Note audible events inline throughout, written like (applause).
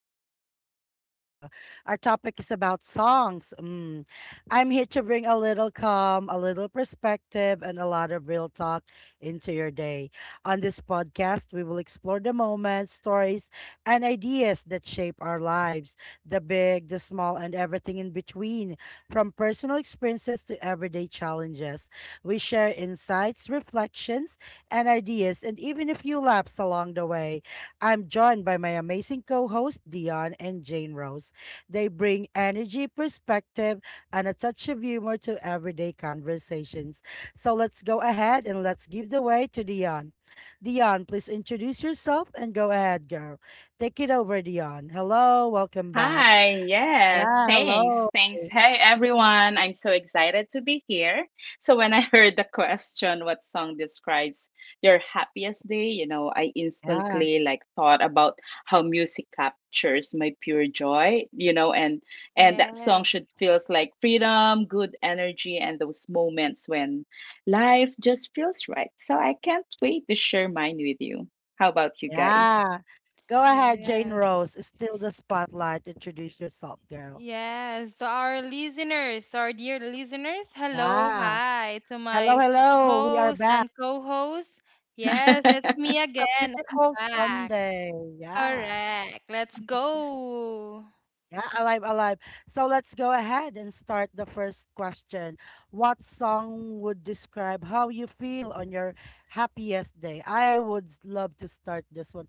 Reflections with Lisa. Our topic is about songs. Mm. I'm here to bring a little calm, a little perspective, and a lot of real talk into your day. On this podcast, we will explore the moments, stories, and ideas that shape our lives, the big, the small, and everything in between, from personal experiences to everyday challenges. We share insights, reflections, and ideas, and even a few laughs along the way. I'm joined by my amazing co hosts, Dion and Jane Rose. They bring energy, perspective, and a touch of humor to everyday conversations. So let's go ahead and let's give the way to Dion. Dion, please introduce yourself and go ahead, girl. Take it over, Dion. Hello, welcome back. Hi, yes, Yeah, thanks. hello. Thanks. Hi, everyone. I'm so excited to be here. So, when I (laughs) heard the question, what song describes your happiest day, I Yeah, instantly like thought about how music captures my pure joy, and that song should Yes, feels like freedom, good energy, and those moments when life just feels right. So, I can't wait to share mine with you. How about you guys? yeah. Go ahead, Jane yes, Rose. Still the spotlight. Introduce yourself, girl. yes. To our listeners, to our dear listeners, hello, Yeah. hi to Hello, my hello. We are host back. and co host. Yes, it's (laughs) me A again. I'm beautiful back. Sunday. Yeah. Correct. Let's go. Yeah, alive, alive. So let's go ahead and start the first question. What song would describe how you feel on your happiest day? I would love to start this one.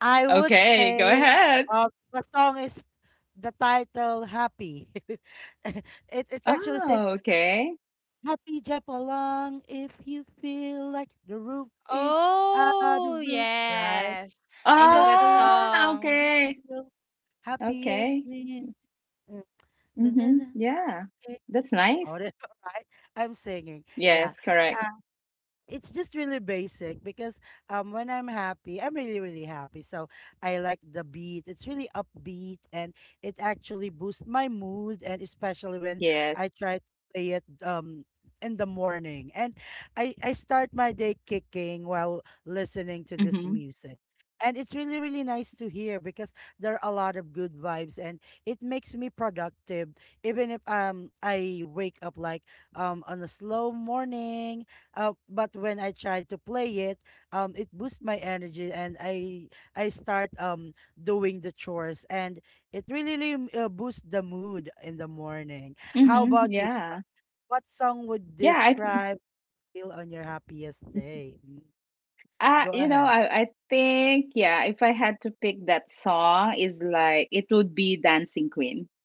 I would Okay, go say ahead. The song is the title Happy. (laughs) it it Oh, actually says okay. Happy Jump Along if you feel like the roof is out of the Oh, roof, right? yes. I know Jump that along. Ah, song. okay. Feel happiest Okay. when uh, dun, dun, Mhm. dun, Yeah. eh, That's all (laughs) all nice. right? I'm singing. Yeah, Yes, correct. it's just really basic because when I'm happy, I'm really really happy. So I like the beat. It's really upbeat and it actually boosts my mood, and especially when Yes. I try to play it in the morning. And I start my day kicking while listening to this Mhm. music. And it's really really nice to hear because there are a lot of good vibes, and it makes me productive even if I wake up like on a slow morning, but when I tried to play it, it boosts my energy, and I start doing the chores, and it really, really boosts the mood in the morning. How Mhm. about you? Yeah. What song would Yeah, I th- describe feel on your happiest day? Mm, go you know, ahead. I think yeah, if I had to pick that song is like it would be Dancing Queen. (laughs)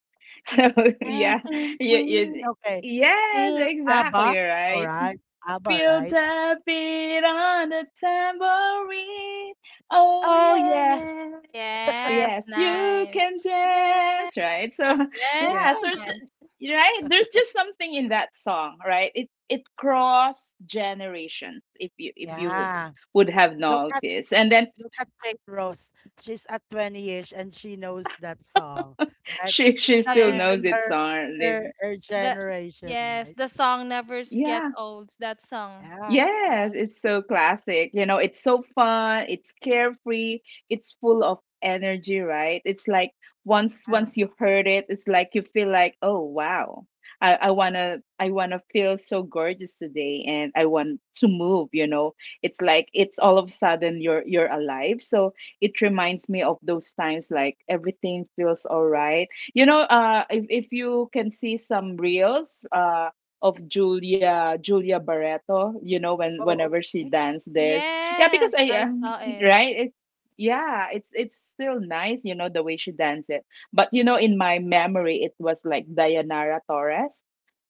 So, yeah. Dancing You, Queen. you, Okay. yes, Feel ABBA. exactly, All right? right. ABBA, Build right? a beat on the tambourine. Oh Oh yeah, yeah. Yes, Yes, you nice. can That, dance, right? So (laughs) yes, yeah, yeah, so nice. Right, there's just something in that song, right? It cross generations, if you yeah. would have Look at, noticed, and then look at Jane Rose. She's at 20-ish and she knows that song, (laughs) right? she It's she not still knows Yes. even it her song. Liz. her The generation, yes, right? the song never get Yeah, old. That song. Yeah, yes, Yes. it's so classic. You know, it's so fun, it's carefree, it's full of energy, right? It's like once yeah. once you heard it, it's like you feel like, "Oh, wow. I want to feel so gorgeous today and I want to move, you know." It's like it's all of a sudden you're alive. So, it reminds me of those times like everything feels all right. If you can see some reels of Julia Barreto, when Oh, whenever she okay. danced this. Yeah, Yes, because I I saw it. right? Yeah, it's still nice, the way she danced it. But you know, in my memory it was like Dayanara Torres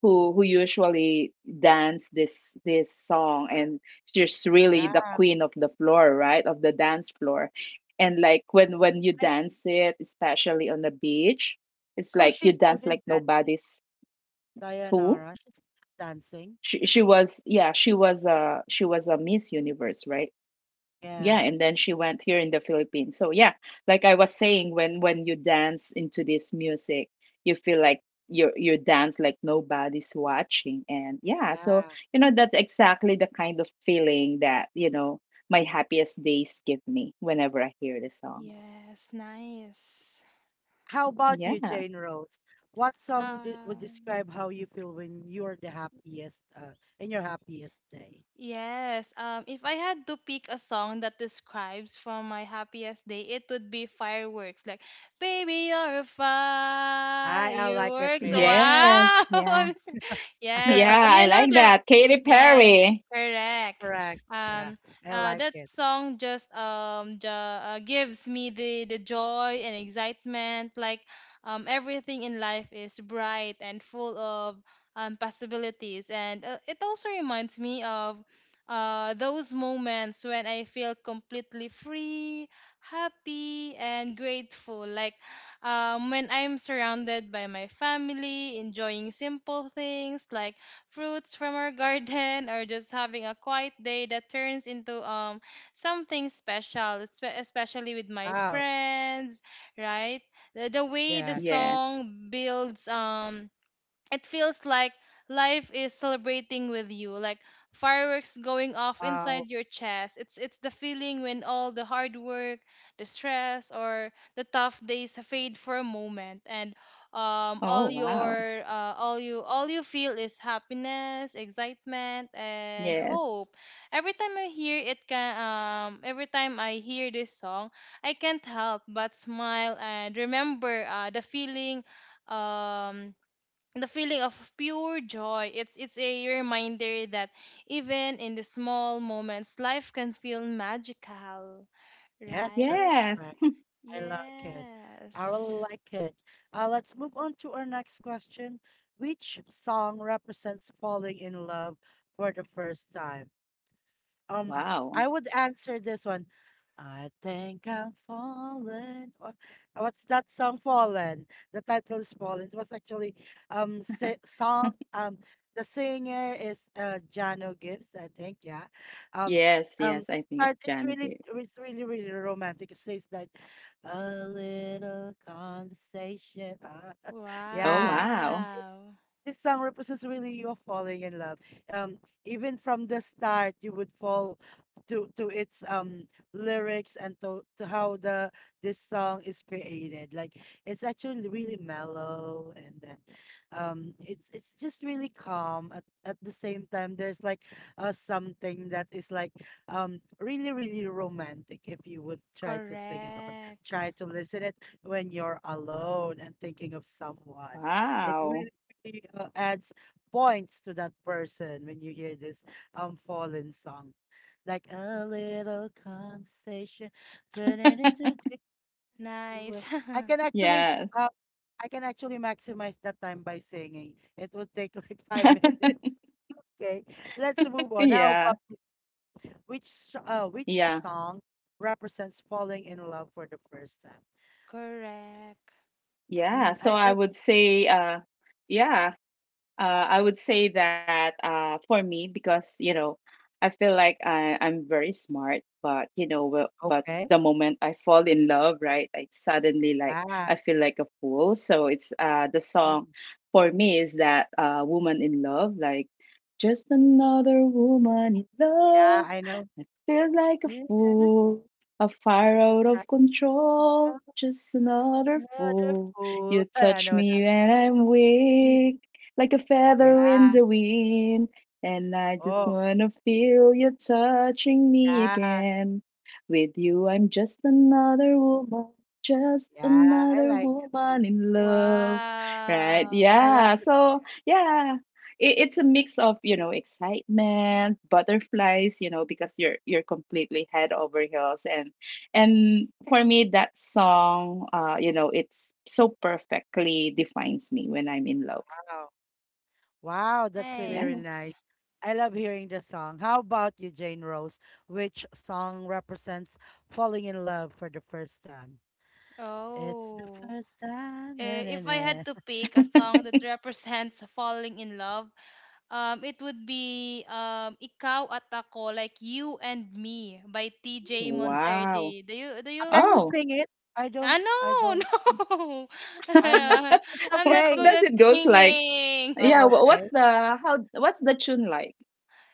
who usually dance this song, and she's really Yeah. the queen of the floor, right? Of the dance floor. And like when you I, dance it, especially on the beach, it's so like you she's good dance in like that, nobody's too Dayanara. She's dancing. she was yeah she was a Miss Universe, right? Yeah, Yeah, and then she went here in the Philippines. So yeah, like I was saying, when you dance into this music, you feel like you dance like nobody's watching, and yeah, so yeah. That's exactly the kind of feeling that my happiest days give me whenever I hear the song. Yes, nice. How about Yeah. you, Jane Rose? What song would Um, describe how you feel when you're the happiest, in your happiest day? yes. If I had to pick a song that describes from my happiest day, it would be fireworks. Like, baby, you're a I like it, fireworks. yes. Yes. Wow, (laughs) Yeah. I'm. (laughs) I Yeah, like Yes. I Do you like know that the? Katy Yes, Perry. correct. correct. Yeah, Um, I like that it. song just gives me the joy and excitement. Like, everything in life is bright and full of possibilities, and it also reminds me of those moments when I feel completely free, happy, and grateful. Like, when I'm surrounded by my family, enjoying simple things like fruits from our (laughs) garden, or just having a quiet day that turns into something special, especially with my Wow. friends, right? The way the Yeah. Yeah. song builds, it feels like life is celebrating with you, like fireworks going off inside Wow. your chest. It's the feeling when all the hard work, the stress, or the tough days fade for a moment, and Oh all wow. your all you feel is happiness, excitement, and Yes. hope. Every time i hear it can um every time I hear this song, I can't help but smile and remember, the feeling, um the feeling of pure joy. It's a reminder that even in the small moments life can feel magical, Yes, right? that's Yes. correct. I like it. Yes. I really like it. Let's move on to our next question. Which song represents falling in love for the first time? Um, Wow. I would answer this one. I think I'm fallen. Or what's that song? Fallen. The title is Fallen. It was actually song. (laughs) The singer is Jano Gibbs. I think yeah. Um, Yes, yes, um, I think it's but it's Janagir. really, it's really really romantic. It says that a little conversation. (laughs) Oh, yeah, wow. Wow. this song represents really you falling in love. Um, even from the start, you would fall to its lyrics and to how the this song is created. Like it's actually really mellow, and then it's just really calm. At the same time, there's like something that is like really really romantic. If you would try to sing it or Correct. try to listen it when you're alone and thinking of someone, it Wow. really really adds points to that person when you hear this fallen song. Like a little conversation, turn it into (laughs) different Nice. way. I can actually Yes. uh, I can actually maximize that time by singing. It would take like (laughs) 5 minutes. (laughs) Okay, let's move on. How Yeah. about which Yeah. song represents falling in love for the first time? (laughs) Correct. Mm, Yeah. So I I would say, yeah, Uh, I would say that for me, because I feel like I'm very smart, but you know, well, but okay. the moment I fall in love, right, I suddenly like Yeah. I feel like a fool. So it's the song Mm, for me is that "Woman in Love," like just another woman in yeah, love. I know. I feels like a Yeah, this. fool, a fire out of control. Just another Another fool. You fool. Oh, yeah, I touch know me that. and I'm We- weak like a feather in Yeah. the wind. And I just Oh, wanna feel you touching me yeah. again. With you, I'm just Yeah. I another like it too. woman in love. Right? (laughs) Wow. I like Yeah. it So, yeah. It's a mix of, you know, excitement, butterflies, because you're completely head over heels, and for me that song you know, it's so perfectly defines me when I'm in love. now. Wow, that's really, Yeah. really Nice. nice. I love hearing the song. How about you, Jane Rose? Which song represents falling in love for the first time? It's the Oh. first time. Na, Eh, na, if I had na. to pick a song that represents falling in love, it would be Ikaw at Ako, like You and Me by TJ Mm. Wow. Monterde. Can you Oh. sing it? I Ah, don't, no, I don't, (laughs) no. I'm not, (laughs) it's (laughs) I'm not How good okay. does at it goes like? singing. Yeah, Oh, (laughs) what's okay. the how what's the tune like?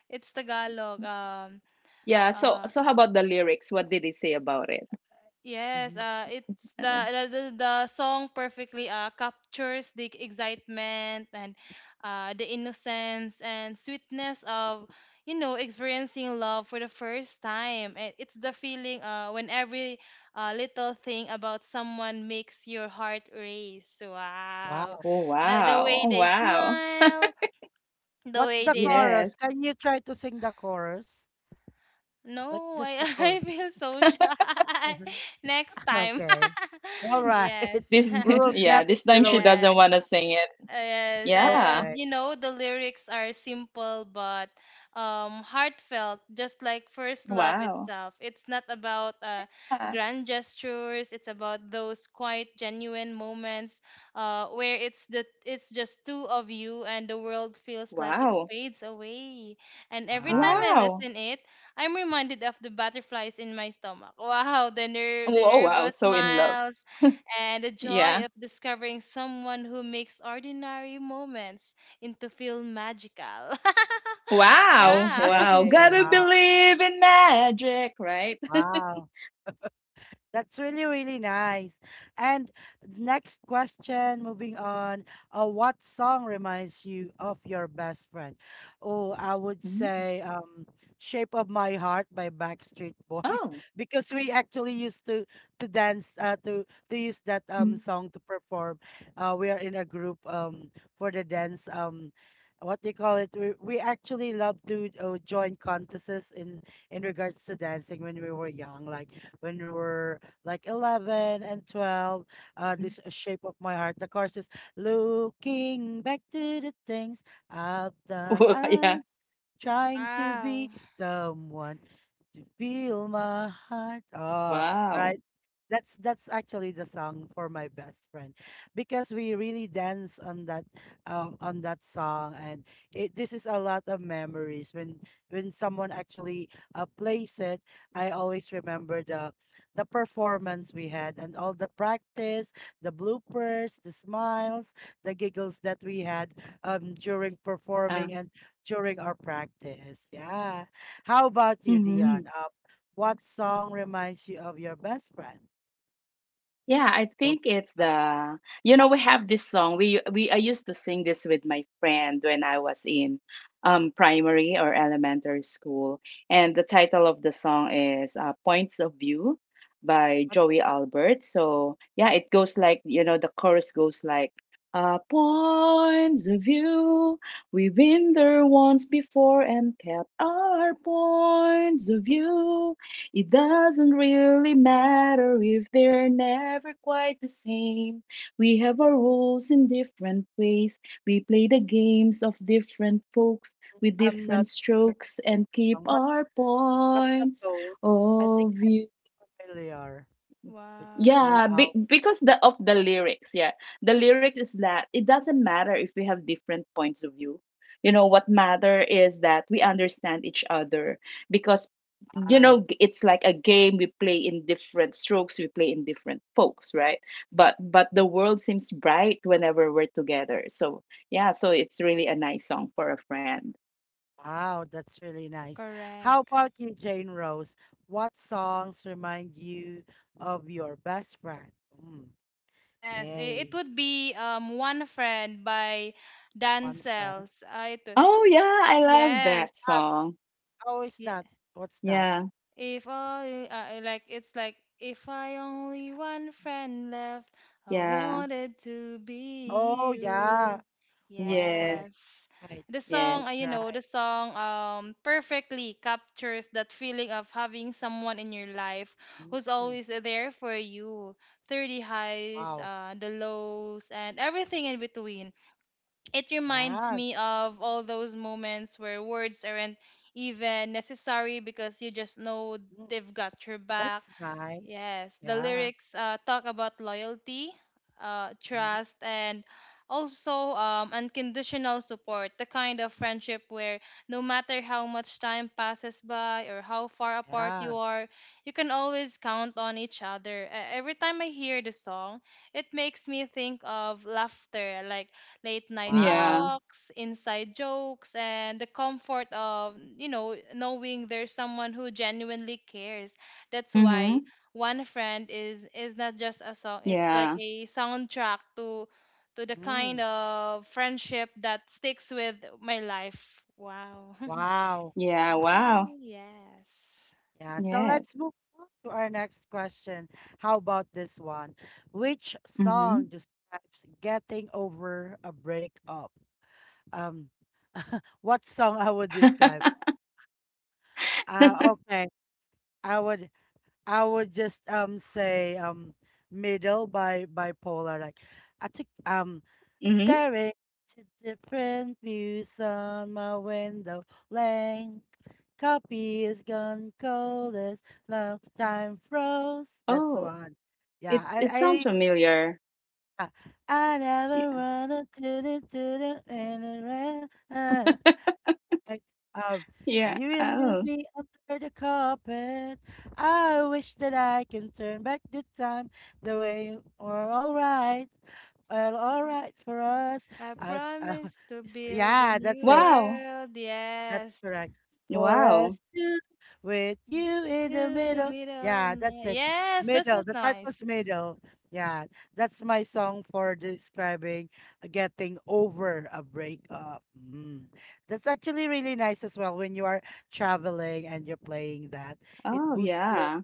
It's Tagalog. Yeah, so uh, so how about the lyrics? What did he say about it? Yes, Hmm. It's the song perfectly, captures the excitement and, the innocence and sweetness of, you know, experiencing love for the first time. It's the feeling, when every, little thing about someone makes your heart race. Wow, Wow. Oh the wow. way Oh, they wow. smile, the What's way the they Yes. chorus? Can you try to sing the chorus? Like no, I just the (laughs) I chorus. feel so shy. (laughs) (laughs) Next time, Okay. All (laughs) right. (laughs) yes. This We (laughs) (laughs) will be yeah, having this time she reloaded. doesn't Yeah, Next- want to sing it. Yeah. and Okay. you know the lyrics are simple but heartfelt, just like first love Wow. itself. It's not about Yeah. grand gestures. It's about those quiet, genuine moments, where it's just two of you and the world feels like it Wow. fades away. And every time Wow. I Wow. listen it, I'm reminded of the butterflies in my stomach. Wow, the Wow, wow, nervous so in love. smiles and the Yeah. joy of discovering someone who makes ordinary moments into feel magical. (laughs) Wow. Yeah. (laughs) Wow. Okay. Gotta Wow. believe in magic, right? (laughs) Wow. That's really, really nice. And next question, moving on. What song reminds you of your best friend? Oh, I would Mm. say Shape of My Heart by Backstreet Boys Oh. (laughs) because we actually used to dance to use that Mm. song to perform. We are in a group for the dance what they call it, we actually love to join contests in regards to dancing when we were young, like when we were like 11 and 12. Uh, this shape of my heart. The chorus is looking back to the things I've done. (laughs) yeah. I trying to be Wow. someone to feel my heart. Oh, Wow. right. That's actually the song for my best friend, because we really dance on that song, and it this is a lot of memories. When someone actually plays it, I always remember the performance we had and all the practice, the bloopers, the smiles, the giggles that we had during Uh, performing and during our practice. Yeah. How about you, Dion? mhm. What song reminds you of your best friend? Yeah, I Go- think it's uh, the we have this song we I used to sing this with my friend when I was in primary or elementary school, and the title of the song is Points of View by But Joey Albert. So, yeah, it goes like you know the chorus goes like points of view. We've been there once before and kept our points of view. It doesn't really matter if they're never quite the same. We have our roles in different ways. We play the games of different folks with I'm not different familiar with strokes and the keep song, our but the points tone, I think of view. I'm familiar with Wow. Joey Yeah, because the of the lyrics, yeah. The lyrics is that it doesn't matter if we have different points of view. You know, what matter is that we understand each other because Alpine. It's like a game we play in different strokes, we play in different folks, right? But the world seems bright whenever we're together. So, yeah, so it's really a nice song for a friend. Wow, that's really nice. How Correct. about you, Jane Rose? What songs remind you of your best friend? Mm, Yes, it yay, would be One Friend by one friend. Dancels. Ah, ito. Oh, yeah, I love that Yes. That, song. how is Yeah. that? What's that? Yeah. If only, like it's like if I only one friend left, I Yeah. wanted to Oh, be yeah, you. one Yes. friend. Yes. Right, The Yes. song, that's you know, right. the song, perfectly captures that feeling of having someone in your life who's Mm, always there for you through the highs, wow, the lows, and everything in between. It reminds yeah, me of all those moments where words aren't even necessary because you just know mm, they've got your back. that's nice. Yes, the Yeah, lyrics, talk about loyalty, mhm, trust, and also, unconditional support, the kind of friendship where no matter how much time passes by or how far apart yeah, you are, you can always count on each other. Every time I hear the song, it makes me think of laughter, like late night wow, Yeah. talks, inside jokes, and the comfort of, you know, knowing there's someone who genuinely cares. That's why Mhm. one friend is not just a song. It's like a Yeah. soundtrack to the kind mm, of friendship that sticks with my life. Wow. wow. Yeah, (laughs) wow. Yes, Yeah, so let's Yes. move on to our next question. How about this one? Which song Mhm. describes getting over a breakup? Um, what song I would describe? Okay, I would, I would just say middle by bipolar. Like I took Mhm. (laughs) staring to different views on my window length. Copy is gone cold as long time froze. That's Oh, one. Yeah, it I it I sounds familiar. yeah. I never Yeah. wanna do it to the (laughs) like, um Yeah. you leave Oh, me under the carpet. I wish that I can turn back the time the way we're all right. Well, all right for us. I I, I, promise to (laughs) build a yeah, that's new it. wow. world. That's Yes, correct. For okay, Wow. us two, with you in the in the middle. middle of Yeah, that's night. it. Yes, that Middle. was The nice. title's middle. Yeah, that's my song for describing getting over a breakup. Mm. That's actually really nice as well when you are traveling and you're playing that. It Oh, boosts your, yeah.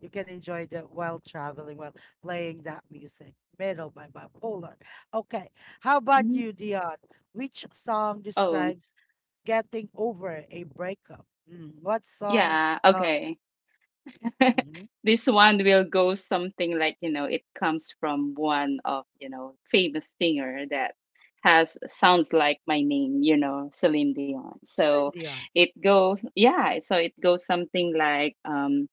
you can enjoy that while traveling, while playing that music. Middle by Bipolar. Okay, how about Mhm. you, Dion? Which song Oh, describes getting over a breakup? Mm, what song? yeah, Uh, okay. (laughs) mm-hmm. This one will go something like it comes from one of famous singer that has sounds like my name, you know, Celine Dion. So Celine Dion. it goes yeah, so it goes something like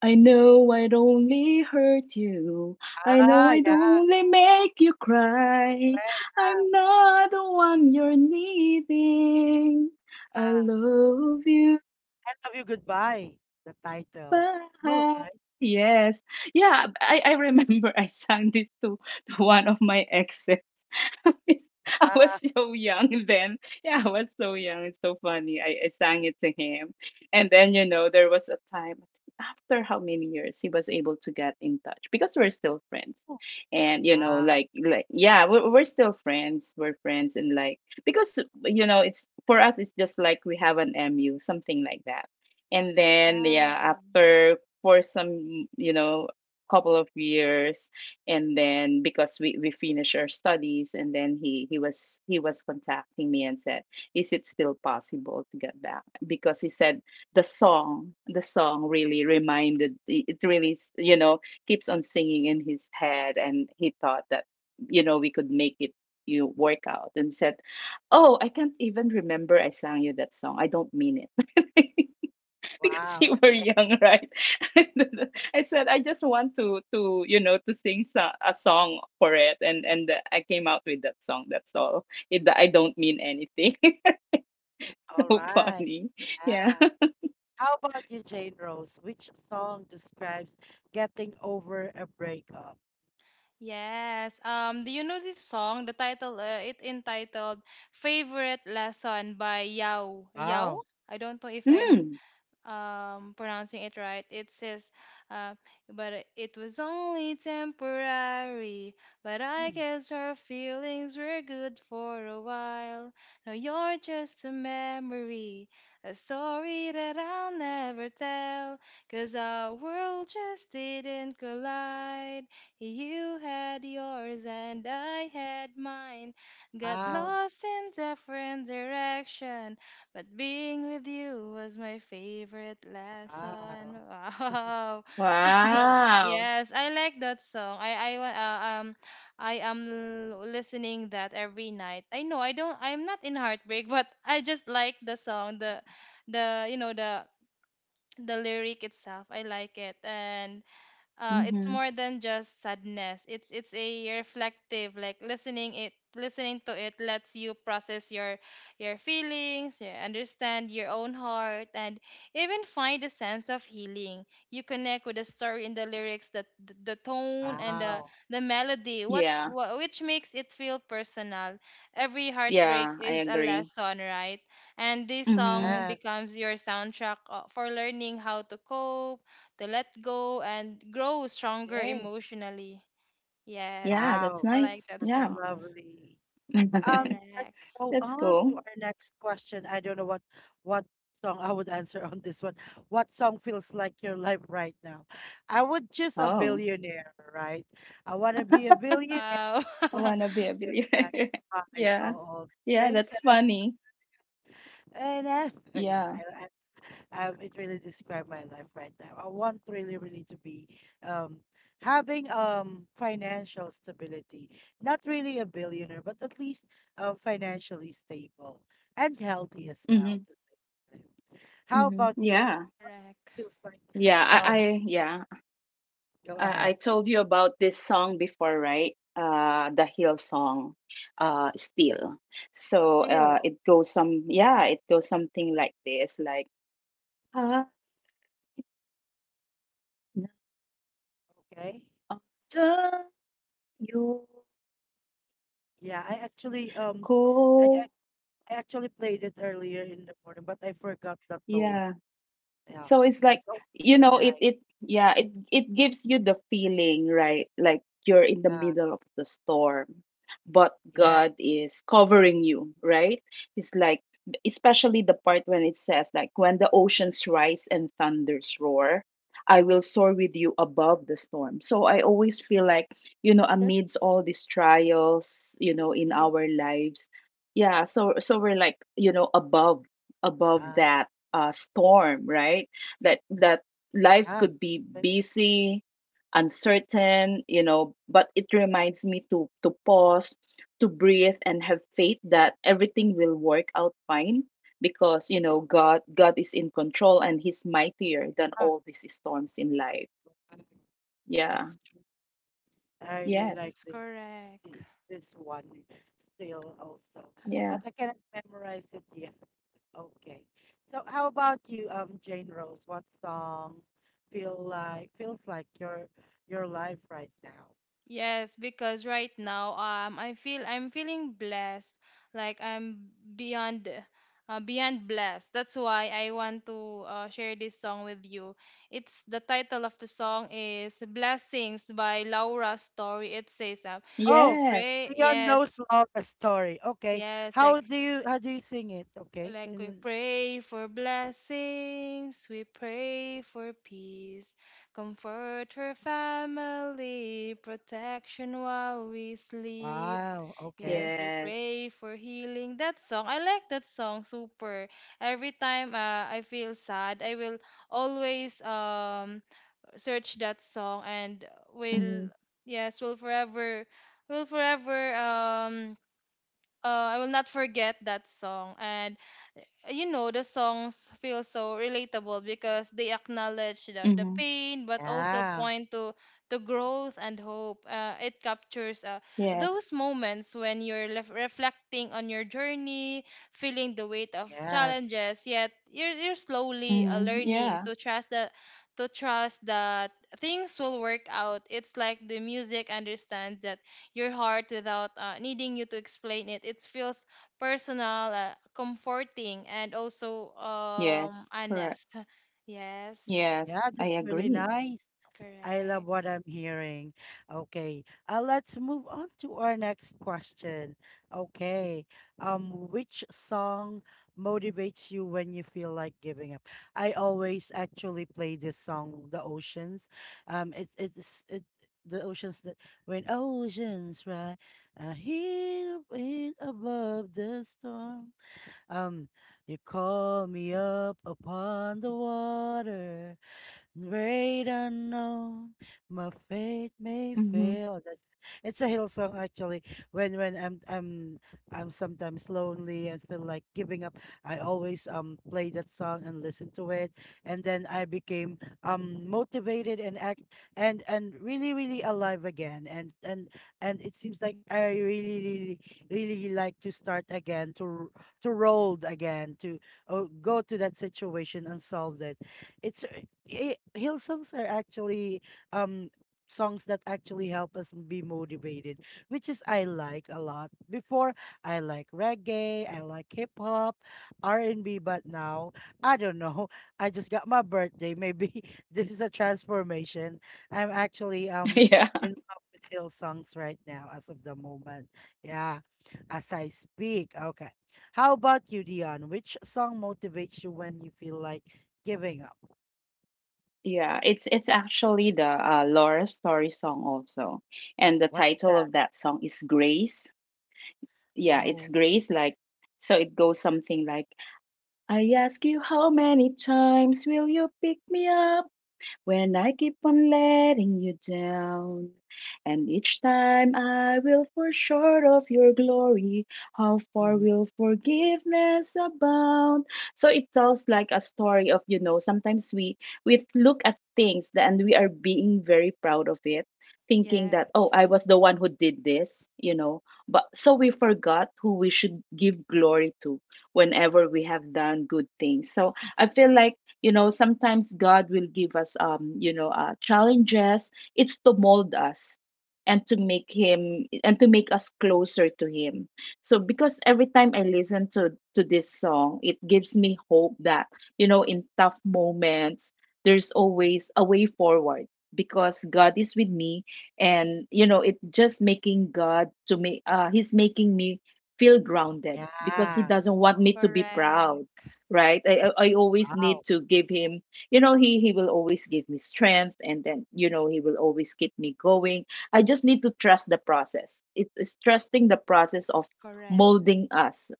I know I'd only hurt you. I know Ah, I'd yeah, only make you cry. right. Ah, I'm not the one you're needing. I ah. love you. I love you. Goodbye. The title. All Bahay. right. Yes. Yeah, I remember I sang this to one of my exes. (laughs) I was Ah, so young then. Yeah, I was so young. It's so funny. I sang it to him. And then, you know, there was a time after how many years he was able to get in touch because we're still friends. whew. And you know Wow, like yeah we're still friends, we're friends, and like because it's for us it's just like we have an mu something like that. And then Wow. yeah after for some couple of years. And then because we finished our studies, and then he was contacting me and said, is it still possible to get back, because he said the song really reminded it really keeps on singing in his head, and he thought that we could make it work out. And said, oh, I can't even remember I sang you that song. I don't mean it. (laughs) Because you wow. were young, right? (laughs) I said I just want to to sing a song for it, and I came out with that song. That's all it, I don't mean anything. (laughs) All So right. funny. Yeah. Yeah. How about you, Jane Rose? Which song describes getting over a breakup? Yes. Do you know this song? The title, it entitled "Favorite Lesson" by Yao. Yao? Wow. I don't know if I'm Mm. Pronouncing it right. It says, uh, but it was only temporary, but I Mm, guess our feelings were good for a while. Now you're just a memory, a story that I'll never tell. 'Cause our world just didn't collide, you had yours and I had mine, got wow. lost in different directions, but being with you was my favorite lesson. Wow. Wow. (laughs) Oh, Wow. Yes, I like that song. I am listening that every night. I know I'm not in heartbreak, (laughs) but I just like the song, the you know the lyric itself. I like it. And, it's Hmm. more than just sadness. It's a reflective, like listening to it lets you process your feelings, you understand your own heart, and even find a sense of healing. You connect with the story in the lyrics, the tone, and the wow. the melody, Yeah. what which makes it feel personal. Every heartbreak Yeah, I is a agree. lesson, right? And this Mm-hmm. song Yes. becomes your soundtrack, for learning how to cope, to let go, and grow stronger Hey. emotionally. Yes, Yeah, that's Wow. I like nice. that That's Yeah. song. lovely. (laughs) Let's Correct. go That's on cool. to our next question. I don't know what song I would answer (laughs) on this one. What song feels like your life right now? I would just a Oh, billionaire, right? I want to be a billionaire. Wow. I Oh, wanna (laughs) be a give back. billionaire. (laughs) I know Yeah. all Yeah, things. that's funny. And (laughs) Yeah. yeah, it really described my life right now. I want really, really to be um having financial stability. Not really a billionaire, but at least financially stable and healthy as well Mhm. at the same time. How Mhm. about you? Yeah. Correct. It feels like Yeah, I um I yeah. go I ahead. told you about this song before, right? Uh, the Hill song, uh, Still. So, Still, oh, it goes some yeah, it goes something like this, like ah, na- okay. ah, done you Yeah, I actually I, I go. I actually played it earlier in the morning, but I forgot the tone. Yeah. Yeah, So it's like, it's also really it nice. it yeah, it gives you the feeling, right? Like you're in the Yeah, middle of the storm, but yeah, God is covering you, right? It's like especially the part when it says like when the oceans rise and thunders roar, I will soar with you above the storm. So I always feel like, that's amidst all these trials, in really, our lives, yeah, so so we're like, above uh, that storm, right? That life yeah. could be That's busy, uncertain, but it reminds me to pause, to breathe, and have faith that everything will work out fine because God God is in control, and He's mightier than tough. all these storms in life. Uh, Yeah. that's true. I really Yes. like Yes, correct. the this one still also, Yeah. but I cannot memorize it yet. Okay. So how about you, Jane Rose? What songs feel like, feels like your life right now? Yes, because right now, I feel I'm feeling blessed. Like I'm beyond, beyond blessed. That's why I want to, share this song with you. It's the title of the song is Blessings by Laura Story. It says, we Oh, Yes. pray. Beyond Knows Yes. Laura's story. Okay. Yes, like How do you, how do you sing it? Okay. like we Can pray for blessings, we pray for peace, comfort for family, protection while we sleep. wow. Okay. Yes, we Yes. pray for healing. That song, I like that song super. Every time, I feel sad, I will always, search that song, and will, Mm-hmm. yes, will forever, I will not forget that song. And, you know the songs feel so relatable because they acknowledge Mm-hmm. the pain but also Yeah. point to growth and hope. It captures, Yes. those moments when you're reflecting on your journey, feeling the weight of Yes. challenges, yet you're slowly, Mm-hmm. Yeah. learning to trust that, to trust that things will work out. It's like the music understands that your heart without, needing you to explain it. It feels personal, comforting, and also, Yes, correct. honest. (laughs) Yes, Yes, Yeah, I that's really agree. nice. I love correct. what I'm hearing. Okay, let's move on to our next question. Okay, which song motivates you when you feel like giving up? I always actually play this song, The Oceans. Um, it's it's it, the oceans that when oceans rise, I hear the wind above the storm. Um, you call me up upon the water. Great unknown, my faith may Mm-hmm. fail. Oh, That's it's a hill song actually. When I'm sometimes lonely and feel like giving up, I always play that song and listen to it, and then I became motivated and act and really really alive again. And it seems like I really really really like to start again to to roll again to oh, go to that situation and solve it it's Hill songs are actually um songs that actually help us be motivated, which is I like a lot. Before I like reggae, I like hip hop, R and B, but now I don't know. (laughs) I just got my birthday. Maybe (laughs) this is a transformation. I'm actually (laughs) Yeah. in love with hill songs right now as of the moment. Yeah, as I speak. Okay. How about you, Dion? Which song motivates you when you feel like giving up? Yeah, it's actually the Laura Story song also, and the What's title that? of that song is Grace. Yeah, it's Oh. Grace. Like, so it goes something like, "I ask you, how many times will you pick me up when I keep on letting you down. And each time I will fall short of your glory, how far Mhm. will forgiveness abound?" So it tells like a story of, sometimes we look at things that, and we are being very proud of it, thinking that, oh, Yes, I was the one who did this. But so we forgot who we should give glory to whenever we have done good things. So I feel like you know sometimes god will give us you know challenges it's to mold us and to make us closer to him. So because every time I listen to this song it gives me hope that you know in tough moments there's always a way forward because god is with me. And you know it just making god to me he's making me feel grounded because he Yeah. doesn't want me to be proud. correct, Right, I always need Wow. to give him, you know, he will always give me strength, and then you know he will always keep me going. I just need to trust the process. It is trusting the process of correct. molding us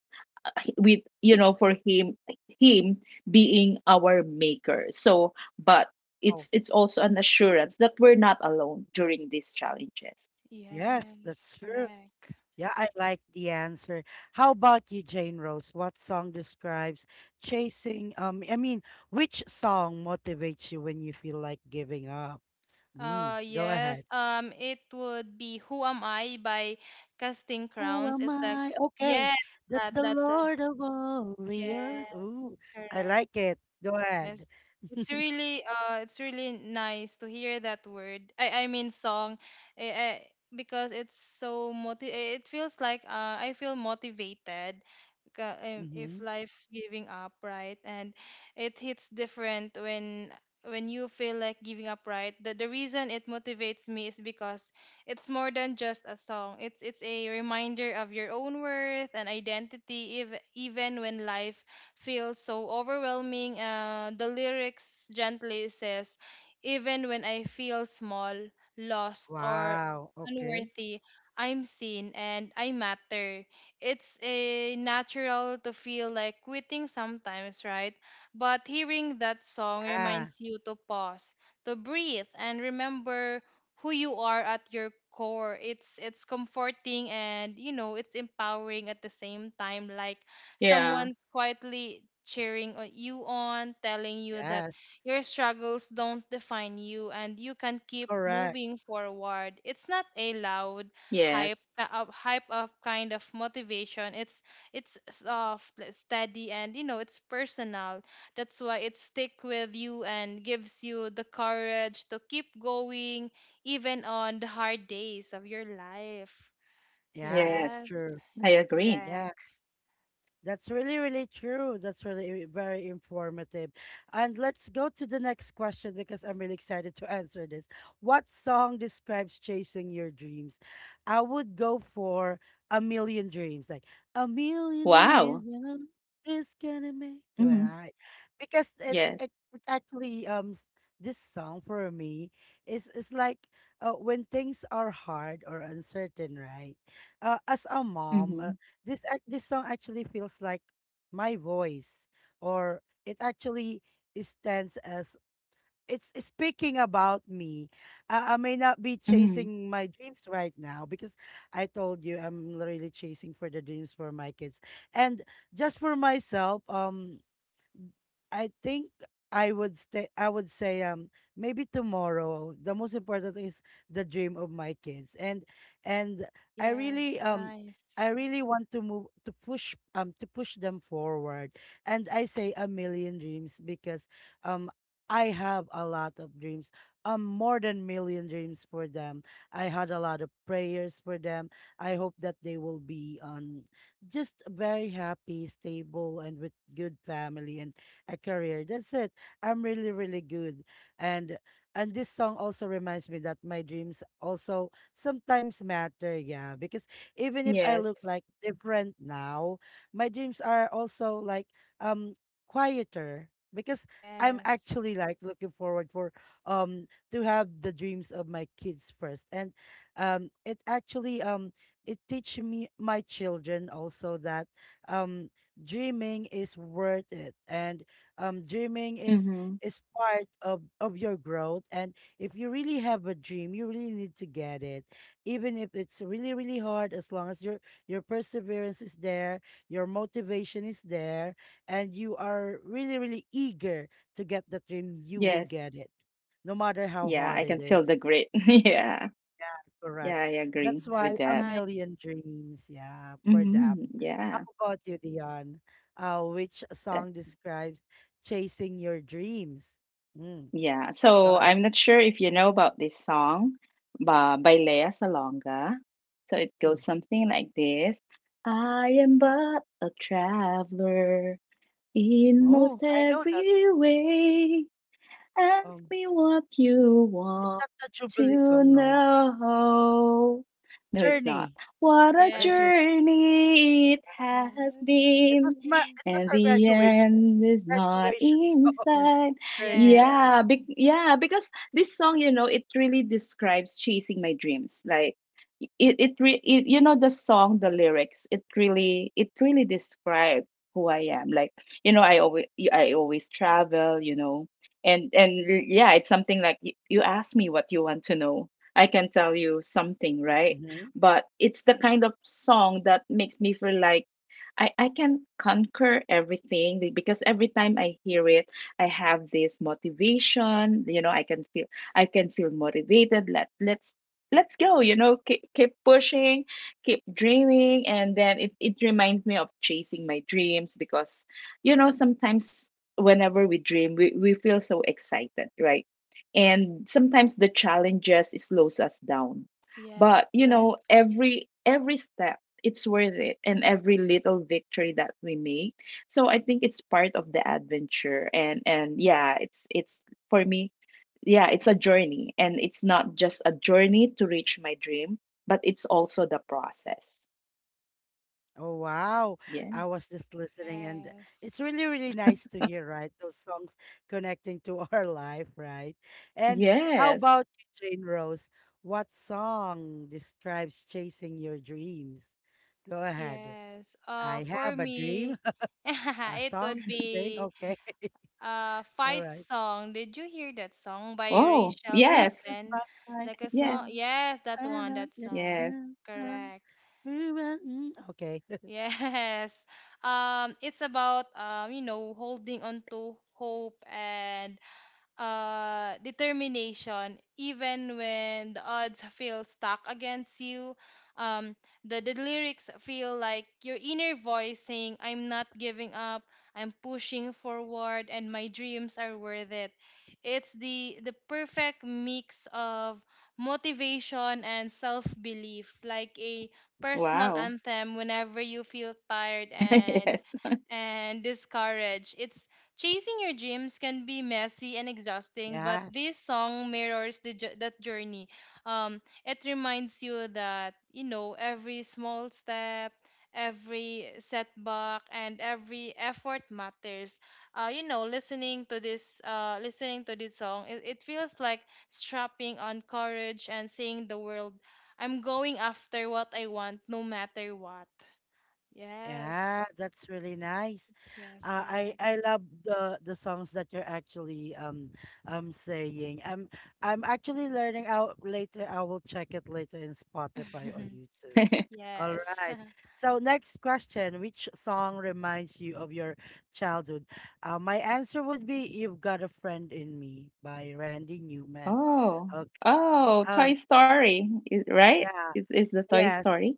with you know for him, him being our maker. So but Oh, it's also an assurance that we're not alone during these challenges. yes, that's Yes, true. correct. Yeah, I like the answer. How about you, Jane Rose? What song describes chasing? I mean, Which song motivates you when you feel like giving up? Mm, Uh, go ahead. yes, it would be Who Am I by Casting Who Crowns. am It's like, I? Okay, yes, that that the that's a Lord of all the earth. yeah, Ooh, I correct. like it. Go ahead. Yes. It's (laughs) really, it's really nice to hear that word. I mean song, eh, eh, because it's it feels like, I feel motivated, if Mhm. life giving up, right? And it hits different when, you feel like giving up, right? The reason it motivates me is because it's more than just a song. It's a reminder of your own worth and identity if, even when life feels so overwhelming. The lyrics gently says, even when I feel small, lost, or Wow. Okay. unworthy, I'm seen and I matter. It's a natural to feel like quitting sometimes, right? But hearing that song Yeah. reminds you to pause, to breathe, and remember who you are at your core. It's comforting, and you know it's empowering at the same time. Like Yeah. someone's quietly cheering you on, telling you that Yeah. Yes. your struggles don't define you and you can keep Correct. moving forward. It's not a loud Yes. Hype up kind of motivation. It's soft, like, steady, and you know, it's personal. That's why it stick with you and gives you the courage to keep going even on the hard days of your life. Yeah. That's Yes, Yes. true. I agree. Yeah. correct. That's really, really true. That's really very informative. And let's go to the next question because I'm really excited to answer this. What song describes chasing your dreams? I would go for A Million Dreams, like A Million Dreams, Wow. you know, this gonna make. Well, Hmm. all right. Because it, Yes. it it actually this song for me is like when things are hard or uncertain, right? As a mom, Hmm. This this song actually feels like my voice, or it actually stands as it's speaking about me. I may not be Hmm. chasing my dreams right now because I told you I'm really chasing for the dreams for my kids, and just for myself. I think I would say, maybe tomorrow. The most important is the dream of my kids. And I really Yes, um nice. I really want to move to push, to push them forward. And I say a million dreams because um I have a lot of dreams. More than million dreams for them. I had a lot of prayers for them. I hope that they will be just very happy, stable, and with good family and a career. That's it. I'm really, really good. And and this song also reminds me that my dreams also sometimes matter, yeah. Because even if I look Yes. like different now, my dreams are also like um quieter, because I'm Yes. actually like looking forward for, um to have the dreams of my kids first. And it actually it teach me, my children also, that um dreaming is worth it, and dreaming Mm-hmm. is (laughs) part of your growth. And if you really have a dream, you really need to get it, even if it's really really hard. As long as your perseverance is there, your motivation is there, and you are really really eager to get the dream, you will Yes. get it, no matter how Yeah, hard I it can feel is. the grit. (laughs) Yeah. Yeah, Correct. I agree That's why with Yes. a that. Nice. million dreams, yeah, for them. Mm-hmm. How Yeah. about you, Dion? Which That- song describes chasing your dreams? Mm, Yeah. go So ahead. I'm not sure if you know about this song by Lea Salonga. So it Mm. goes something like this. I am but a traveler in most Oh, I know that. every way. Ask Um, me what you it's want not the Jubilee to song, no. know. No, it's not. Journey. What a What did Yes. you? journey it has Tells It been, was my. me. It was and our the graduation end is not graduation (laughs) in song. sight. Journey. Yes. Yeah. Yeah, because this song, you know, it really describes chasing my dreams. Like it, you know, the song, the lyrics, it really describes who I am. Like you know, I always travel. You know, and yeah it's something like you ask me what you want to know, I can tell you something, right? Mm-hmm. But it's the kind of song that makes me feel like I can conquer everything because every time I hear it, I have this motivation. You know, I can feel motivated. Let's let's go. You know, keep pushing, keep dreaming, and then it reminds me of chasing my dreams because you know sometimes whenever we dream, we feel so excited, right? And sometimes the challenges slows us down. Yes. But you know, Correct. Every step it's worth it, and every little victory that we make. So I think it's part of the adventure, and yeah, it's for me, yeah, it's a journey and it's not just a journey to reach my dream, but it's also the process. Oh wow. Yeah. I was just listening and it's Yes. really really nice to hear, right? Those songs connecting to (laughs) our life, right? And Yes. how about you, Jane Rose? What song describes chasing your dreams? Go ahead. Yes. I For have a dream, me, (laughs) a (laughs) it song would to sing. be Okay. a (laughs) All fight right. song. Did you hear that song by Oh, Rachel This yes. is Platten? my right Like a Yes. small. song. Yes, that I one. like That it. Yes. song. Since I- Correct. we were- mm. Okay. (laughs) Yes. (laughs) It's about, you know, holding on to hope and, determination, even when the odds feel stuck against you. Um, the lyrics feel like your inner voice saying, I'm not giving up, I'm pushing forward, and my dreams are worth it. It's the perfect mix of motivation and self belief, like a personal Wow. anthem whenever you feel tired (laughs) and Yes. Discouraged. It's. Chasing your dreams can be messy and exhausting, but Yes. this song mirrors that journey. It reminds you that, you know, every small step, every setback, and every effort matters. You know, listening to this song, it feels like strapping on courage and saying the world, I'm going after what I want, no matter what. Yes, Yeah, that's really nice. yes, Uh, I correct. I love the songs that you're actually saying. I'm actually learning out later. I will check it later in Spotify or (laughs) YouTube. (laughs) All Yes. right. (laughs) So next question, which song reminds you of your childhood? My answer would be "You've Got a Friend in Me" by Randy Newman. Oh, Okay. oh, Um. Toy Story, is right? Yeah. Is the Toy Yes. Story?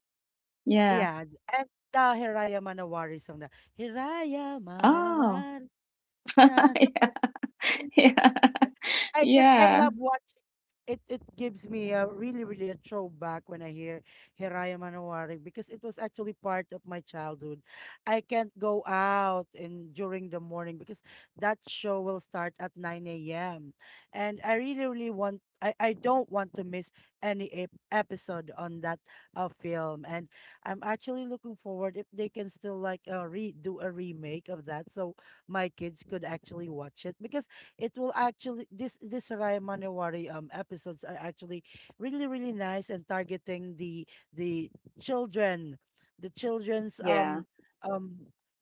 Yeah. Yeah, and the Hiraya Manawari song na, Hiraya Oh, Manawari, (laughs) nasa yeah, puso. yeah, I cause I yeah, love watching. It gives me a really really a throwback when I hear Hiraya Manowari because it was actually part of my childhood. I can't go out in during the morning because that show will start at 9 a.m. and I really really want I don't want to miss any episode on that film. And I'm actually looking forward if they can still like re do a remake of that so my kids could actually watch it, because it will actually, this Soraya Manewari episodes are actually really really nice and targeting the children, the children's yeah. um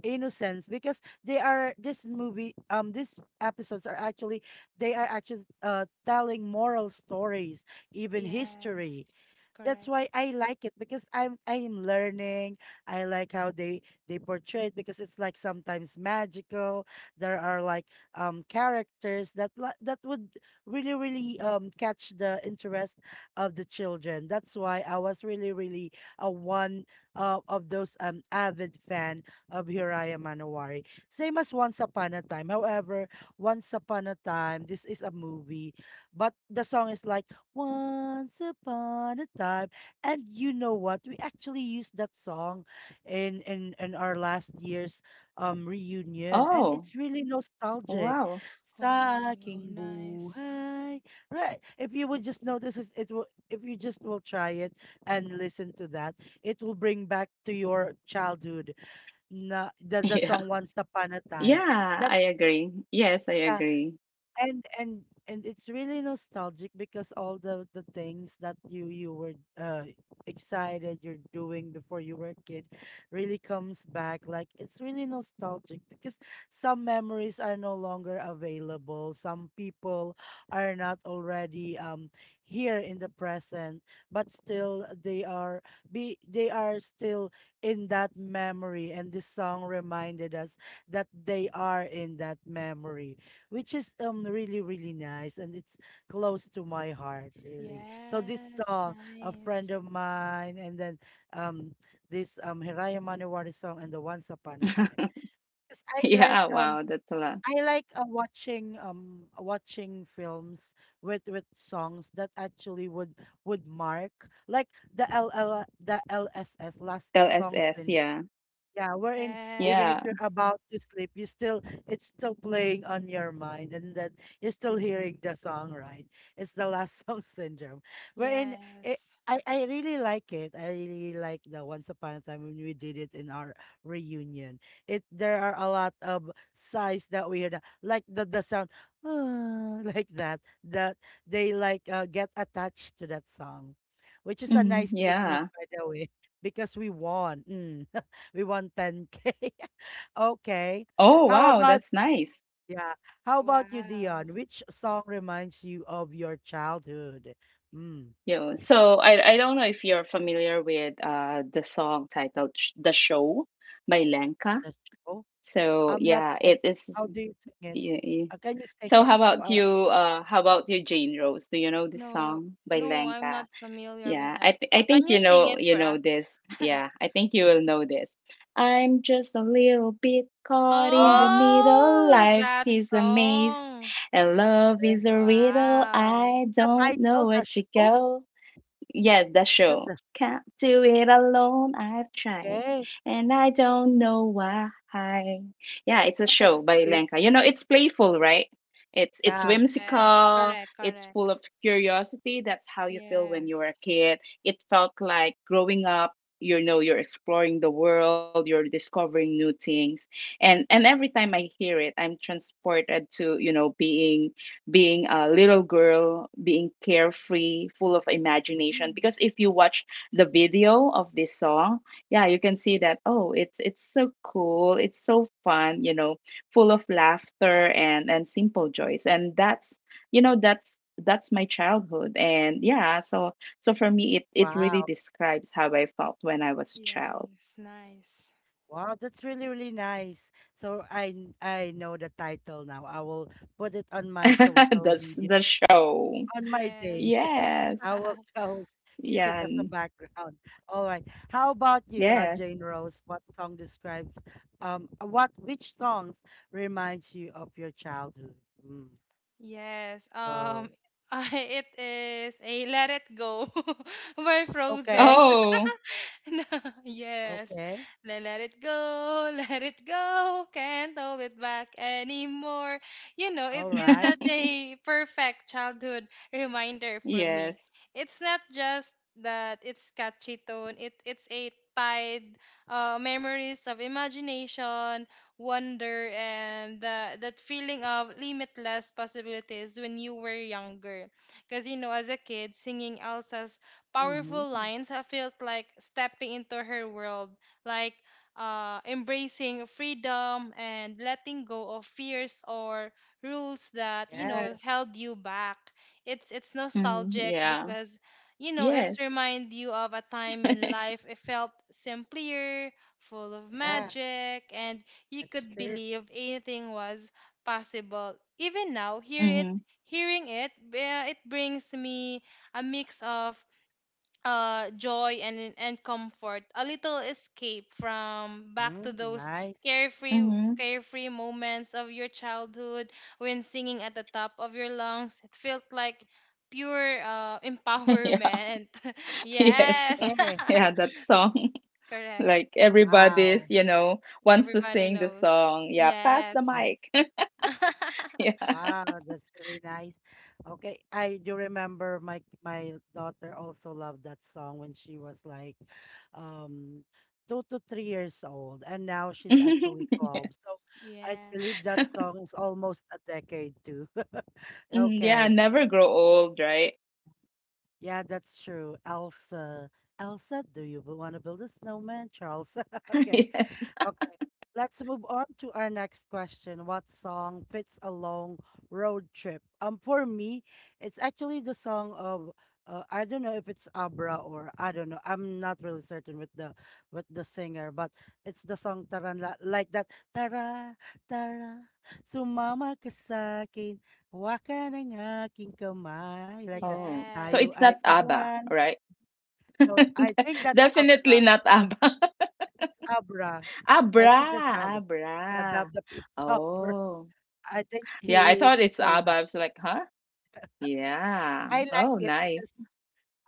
innocence, because they are this movie these episodes are actually, they are actually telling moral stories, even history. Yes. That's Correct. why I like it, because I'm learning. I like how they portray it, because it's like sometimes magical. There are like characters that that would really really catch the interest of the children. That's why I was really really a one of those avid fan of Hiraya Manowari. Same as Once Upon a Time. However, Once Upon a Time this is a movie, but the song is like once upon a time. And you know what? We actually used that song in our last year's reunion, and Oh, it's really nostalgic. wow. Wow. Saking Nice. buhay. Right. If you would just notice it, it will, if you just will try it and listen to that, it will bring back to your childhood. Na, the Yeah, song Once Upon a Time. yeah. That's, I agree. Yes, I agree. And it's really nostalgic, because all the things that you were uh excited you're doing before you were a kid really comes back. Like, it's really nostalgic because some memories are no longer available, some people are not already here in the present, but still they are, be they are still in that memory, and this song reminded us that they are in that memory, which is really really nice, and it's close to my heart really. So this Yes. song, a friend Nice. of mine, and then um this Hiraya Manewari song and the Once Upon a Time. (laughs) Cause I like Yeah. um Wow, that's a lot. I like watching watching films with songs that actually would mark, like, the L L the LSS last songs LSS. in, Yeah, yeah, wherein Yes. even if yeah. you're about to sleep, you still, it's still playing on your mind, and that you're still hearing the song, right? It's the last (laughs) song syndrome. Wherein it, Yes. I really like it. I really like the Once Upon a Time when we did it in our reunion. It there are a lot of sighs that we heard, like the sound "Ah," (laughs) like that. That they like get attached to that song. Which is a Mhm, nice technique yeah. by the way, (laughs) because we won. Mm. We want 10K. (laughs) Okay. Oh, How wow, about, that's nice. yeah. How about you, Wow. Dion? Which song reminds you of your childhood? Mm, Yeah, so I don't know if you're familiar with the song titled "The Show" by Lenka. the show? So I'm not yeah, sure. it is. How do you sing it? Yeah. Can you sing So it? how So, about you? How about you, Jane Rose? Do you know this No, song by no, I'm not Lenka? familiar with Yeah, that I song. Can think you sing it for you us? know this. Yeah, I think you will know this. I'm just a little bit caught in oh, the middle. Oh, Life that is a maze, song. and love yeah, is a riddle. Wow. I the don't know title, where The to Show? go. Yes, that's Is that true. the. Can't do it alone. I've tried, Okay. and I don't know why. Yeah, it's a Oh, show that's by cute. Lenka. You know, it's playful, right? It's Yeah. Yes. whimsical. Correct. It's Correct. full of curiosity. That's how you feel when you were Yes. a kid. It felt like growing up. You know, you're exploring the world. You're discovering new things, and every time I hear it, I'm transported to you know being being a little girl, being carefree, full of imagination. Because if you watch the video of this song, yeah, you can see that oh, it's so cool, it's so fun, you know, full of laughter and simple joys. And that's you know that's my childhood. And yeah, so so for me, it really Wow. describes how I felt when I was a child. Yes. Nice. Wow, that's really, really nice. So I know the title now. I will put it on my (laughs) social That's media the show. on my day. Yes. Yes, I will (laughs) (laughs) go use it as a Yan. background. All right. How about you, Yes. Jane Rose? What song describes what which songs reminds you of your childhood? Mm. Yes. So (laughs) it is a Let It Go (laughs) by Frozen. okay, Oh. (laughs) No, yes. okay, Let it go, (laughs) let it go. Can't hold it back anymore. You know, it all is right. such (laughs) a perfect childhood reminder for me. Yes. It's not just that it's catchy tone. It's a tied memories of imagination, wonder, and the that feeling of limitless possibilities when you were younger. Because you know, as a kid, singing Elsa's powerful Mm-hmm. lines, I felt like stepping into her world, like embracing freedom and letting go of fears or rules that you know Yes, held you back. It's Mm, nostalgic yeah. because you know it's Yes. remind you of a time when (laughs) life it felt simpler, full of yeah, magic, and you that's could true. believe anything was possible. Even now, Mhm. hearing it, it brings me a mix of joy and comfort, a little escape from back to Mm, those nice. carefree Mhm. carefree moments of your childhood when singing at the top of your lungs. It felt like pure (laughs) Yeah. empowerment. (laughs) Yes. yes, Yeah. (laughs) Yeah, that (laughs) song. (laughs) correct. Like everybody's, Wow. you know, wants to Everybody sing the knows. song. Yeah, pass the Yes. Yes. mic. (laughs) (laughs) Yeah. Wow, that's really nice. Okay, I do remember my my daughter also loved that song when she was like um 2 to 3 years old, and now she's actually 12. (laughs) So I believe yes. Yeah. that song is almost a decade too. (laughs) Mm, yeah, Okay, Yes. never grow old, right? yeah, that's true. Elsa, Elsa, do you want to build a snowman, Charles? (laughs) (laughs) Okay, Yes. okay, let's move on to our next question. What song fits a long road trip? For me, it's actually the song of I don't know if it's Abra or I don't know. I'm not really certain with the singer, but it's the song Taran like that. Tara, tara, sumama ka sa akin, hawakan ang aking kamay like that. Oh, so Tayo Yes. it's ay not ABBA, maglan. right? (laughs) No, De- I think that's Definitely Abra. not ABBA. (laughs) Abra. I Abra, think that's Abra. Radab Abra. the Prepper. Oh, (laughs) I think yeah, he I he is thought it's actually ABBA. the. I was like, huh? Yeah. I like Oh, it nice. because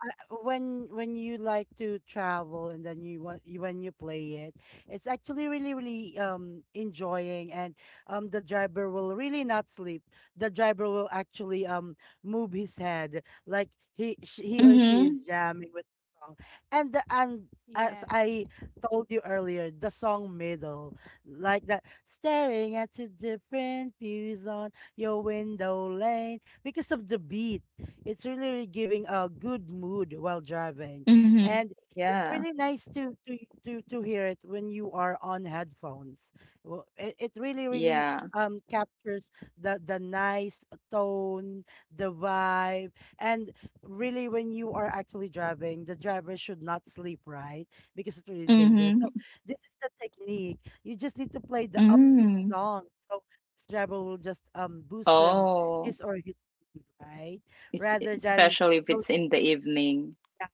when you like to travel and then you want you, when you play it it's actually really enjoying. And the driver will really not sleep. The driver will actually move his head like he or she is Mhm. jamming with the song. And the and as Yes. I told you earlier, the song middle like that, staring at two different views on your window lane. Because of the beat, it's really, really giving a good mood while driving. Mhm. And it's Yeah. really nice to to hear it when you are on headphones. Well, it really, really Yeah. Captures the nice tone, the vibe, and really when you are actually driving, the driver should not sleep, right? Because it's really dangerous. So Mhm. this is the technique. You just need to play the upbeat Mm. song. So this driver will just boost her Oh, his or his mood, right? it's Rather than especially if it's those, in the evening. yeah,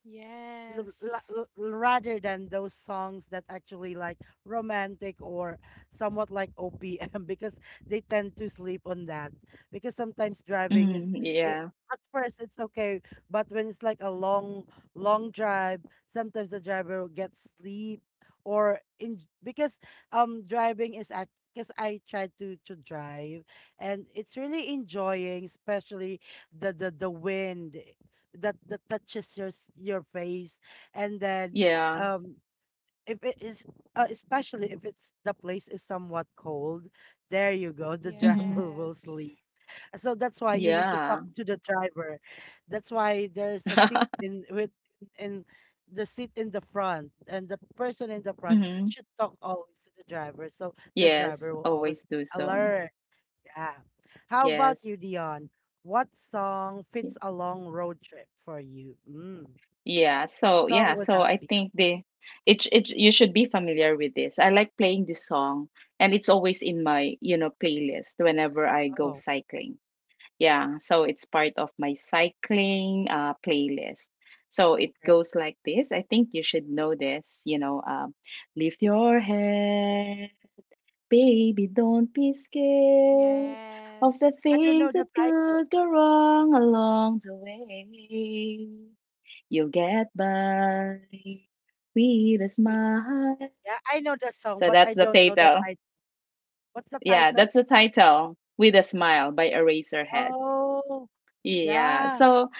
Yes. Rather than those songs that actually like romantic or somewhat like OPM (laughs) because they tend to sleep on that. Because sometimes driving Mm, is I yeah. at first it's okay, but when it's like a long long drive, sometimes the driver will get sleep or in. Because driving is act because I tried to drive, and it's really enjoying, especially the wind that that touches your your face. And then Yeah. um if it is especially if it's the place is somewhat cold, there you go, the Mhm. driver (laughs) will Yes. sleep. So that's why you need to talk Yeah. to the driver. That's why there's a seat (laughs) in with in the seat in the front, and the person in the front Mhm. should talk always to the driver so the driver Yes, will always always do so. alert. Yeah. How about you, Yes. Dion? What song Y- fits a long road trip for you? Mm. Yeah. What So, song yeah, would so that I be? think the it you should be familiar with this. I like playing this song, and it's always in my, you know, playlist whenever I go Oh. cycling. Yeah, so it's part of my cycling playlist. So it Okay. goes like this. I think you should know this, you know, lift your head, baby, don't be scared of Yes. the I don't things know that the title. could go wrong along the way. You'll get by with a We, smile. yeah, I know the song, So but that's I the don't know the title. title. What's the Yeah, title? that's the title, With a Smile by Eraserheads. Oh, Yeah. yeah, So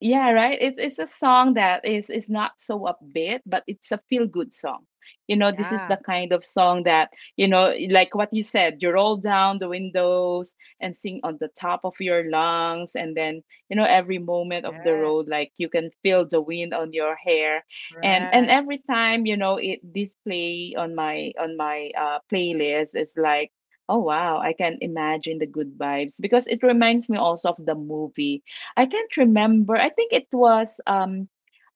yeah, right. It's a song that is not so upbeat, but it's a feel good song. You know, this is the yeah, kind of song that, you know, like what you said, you roll down the windows and sing on the top of your lungs and then, you know, every moment of the yeah, road like you can feel the wind on your hair. And correct. every time, you know, it this play on my playlist is like oh wow, I can imagine the good vibes because it reminds me also of the movie. I can't remember. I think it was um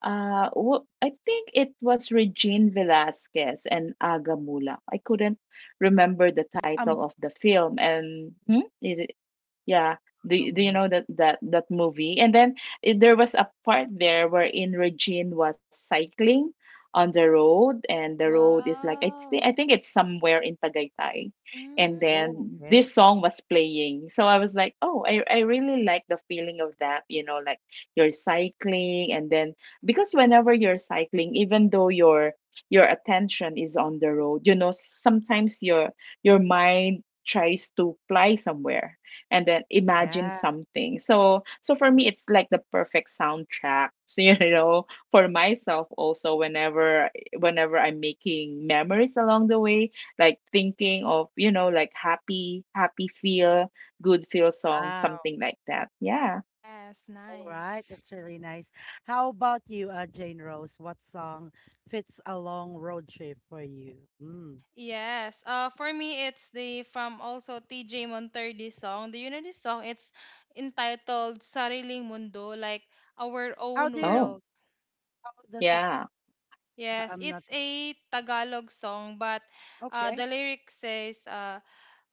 uh wh- I think it was Regine Velasquez and Aga Mula. I couldn't remember the title of the film, and hmm? It yeah. Do you Amalgamot. know that that movie? And then there was a part there wherein Regine was cycling on the road, and the road is like I Wow. think it's somewhere in Tagaytay, and Oh, Mm. then okay. this song was playing. So I was like, oh, I really like the feeling of that. You know, like you're cycling, and then because whenever you're cycling, even though your attention is on the road, you know, sometimes your mind tries to fly somewhere and then imagine Yeah, something. So so for me it's like the perfect soundtrack. So (laughs) you know, for myself also whenever whenever I'm making memories along the way, like thinking of, you know, like happy feel, good feel song, wow. something like that. Yeah. Yes, All right, nice. that's really nice. How about you, Jane Rose? What song fits a long road trip for you? Mm. Yes. For me, it's the from also TJ Monterde song. Do you know this song? It's entitled "Sariling Mundo," like our How own do Oh. you, world. how does it, Yeah. Yes, I'm not, it's a Tagalog song, but the okay, lyric says,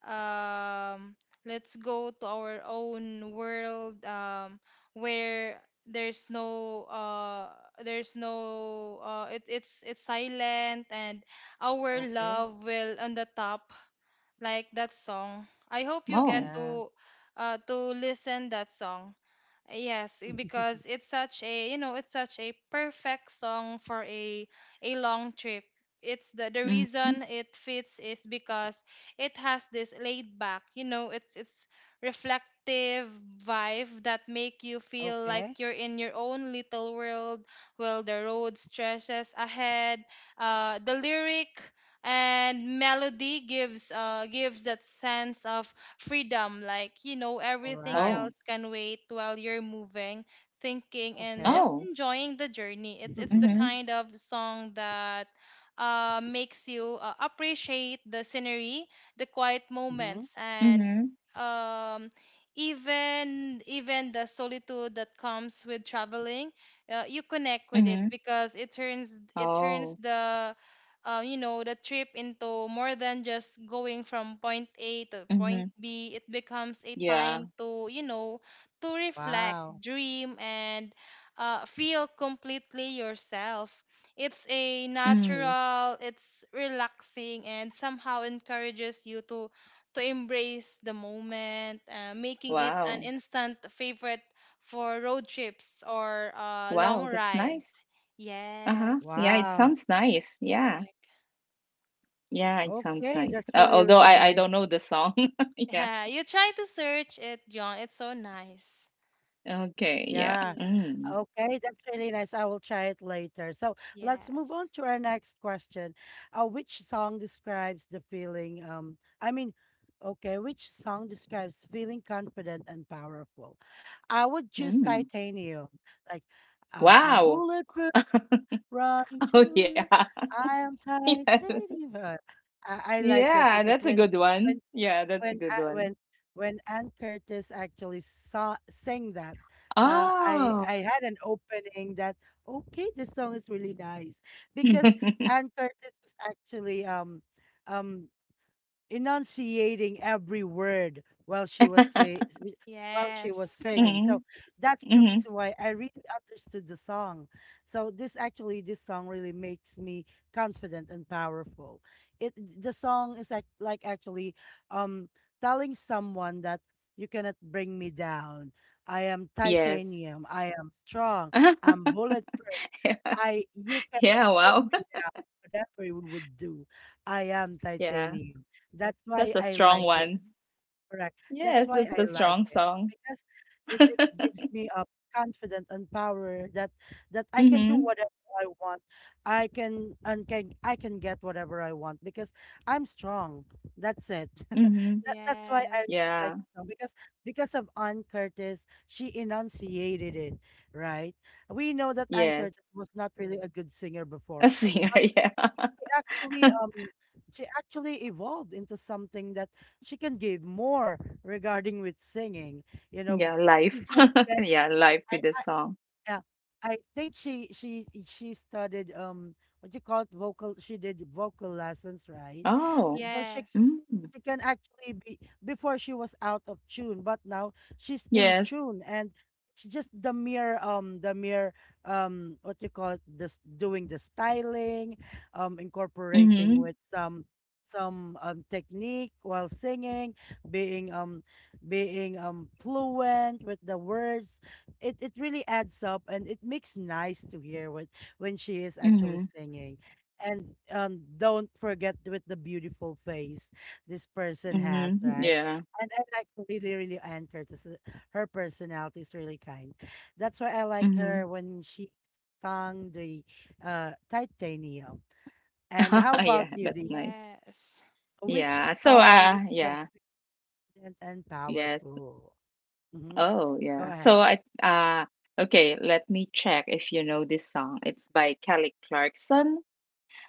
um, let's go to our own world where there's no it's it's silent and our okay, love will on the top like that song. I hope you Oh. get yeah, to listen that song. Yes, (laughs) because it's such a, you know, it's such a perfect song for a long trip. It's the Hmm. reason it fits is because it has this laid back, you know, it's reflective vibe that make you feel okay, like you're in your own little world while the road stretches ahead. The lyric and melody gives gives that sense of freedom like you know all everything right, Oh. else can wait while you're moving thinking and okay. just Oh. enjoying the journey. It's the Mm-hmm. (laughs) kind of song that makes you appreciate the scenery, the quiet Mm-hmm. moments, Mm-hmm. and um, even the solitude that comes with traveling. You connect with it Mm-hmm. because it Oh. turns the you know, the trip into more than just going from point A to point Mm-hmm. B. It becomes a Yeah. time to, you know, to reflect, Wow. dream, and feel completely yourself. It's a Mm. natural, it's relaxing, and somehow encourages you to embrace the moment, making it an Wow. instant favorite for road trips or long Wow, that's rides. nice. Yes, Uh-huh. Yeah, it Wow. sounds nice. Yeah. correct. Yeah, it sounds Okay, nice. that's really, Although really I nice. don't know the song. (laughs) Yeah. Yeah, you try to search it, John. It's so nice. Okay. Yeah. Yeah. Yes. Mm. Okay, that's really nice. I will try it later. So let's move Yes. on to our next question. Which song describes the feeling? I mean, okay, which song describes feeling confident and powerful? I would choose Mm. Titanium. Like, I'm Wow. bulletproof, running (laughs) to Oh yeah. lose. I am (laughs) Yeah. titanium. I like Yeah, it because that's a good one. when Yeah, that's a when good A- one. when when Ann Curtis actually saw sang that, Oh. I had an opening that okay, this song is really nice because (laughs) Ann Curtis was actually um enunciating every word while she was say while she was Yes, singing. correct. Mm-hmm. So that's the Mm-hmm. reason why I really understood the song. So this actually this song really makes me confident and powerful. It the song is like actually um telling someone that you cannot bring me down. I am Yes. titanium. I am strong. (laughs) I'm bulletproof. Yeah. I you cannot Yeah, wow. (laughs) whatever you would do, I am Yeah. titanium. That's why That's a I strong like it. one. Correct. That's Yes, why that's I a like strong it song. because (laughs) it gives me a confidence and power that that I can do Mm-hmm. whatever I want. I can and can I can get whatever I want because I'm strong. That's it. (laughs) that, Mm-hmm. that's why I Yes. really like Yeah. the song because of Ann Curtis, she enunciated it right. We know that Ann Yes. Curtis was not really a good singer before, A singer, (laughs) yeah. she actually um (laughs) she actually evolved into something that she can give more regarding with singing, you know. Yeah, live. She just (laughs) spent Yeah, live with the I song. yeah, I think she studied what you call it vocal, she did vocal lessons, right? Oh. That's why Yes. Mm. she can actually be, before she was out of tune, but now she's in Yes. tune. And it's just the mere what you call it this doing the styling, incorporating Mhm. with some technique while singing, being being fluent with the words. It really adds up and it makes nice to hear when she is actually Mhm. singing. And don't forget with the beautiful face this person has, Mhm. right? Yeah. And I like really, really Anne Curtis. Her personality is really kind. That's why I like Mhm. her when she sung the Titanium. And how (laughs) Yeah, about you, that's Dion? nice. Yes. Which Yeah. So, song is yeah. confident and Yes. powerful? hmm Oh, Go yeah. ahead. So I okay, let me check if you know this song. It's by Kelly Clarkson.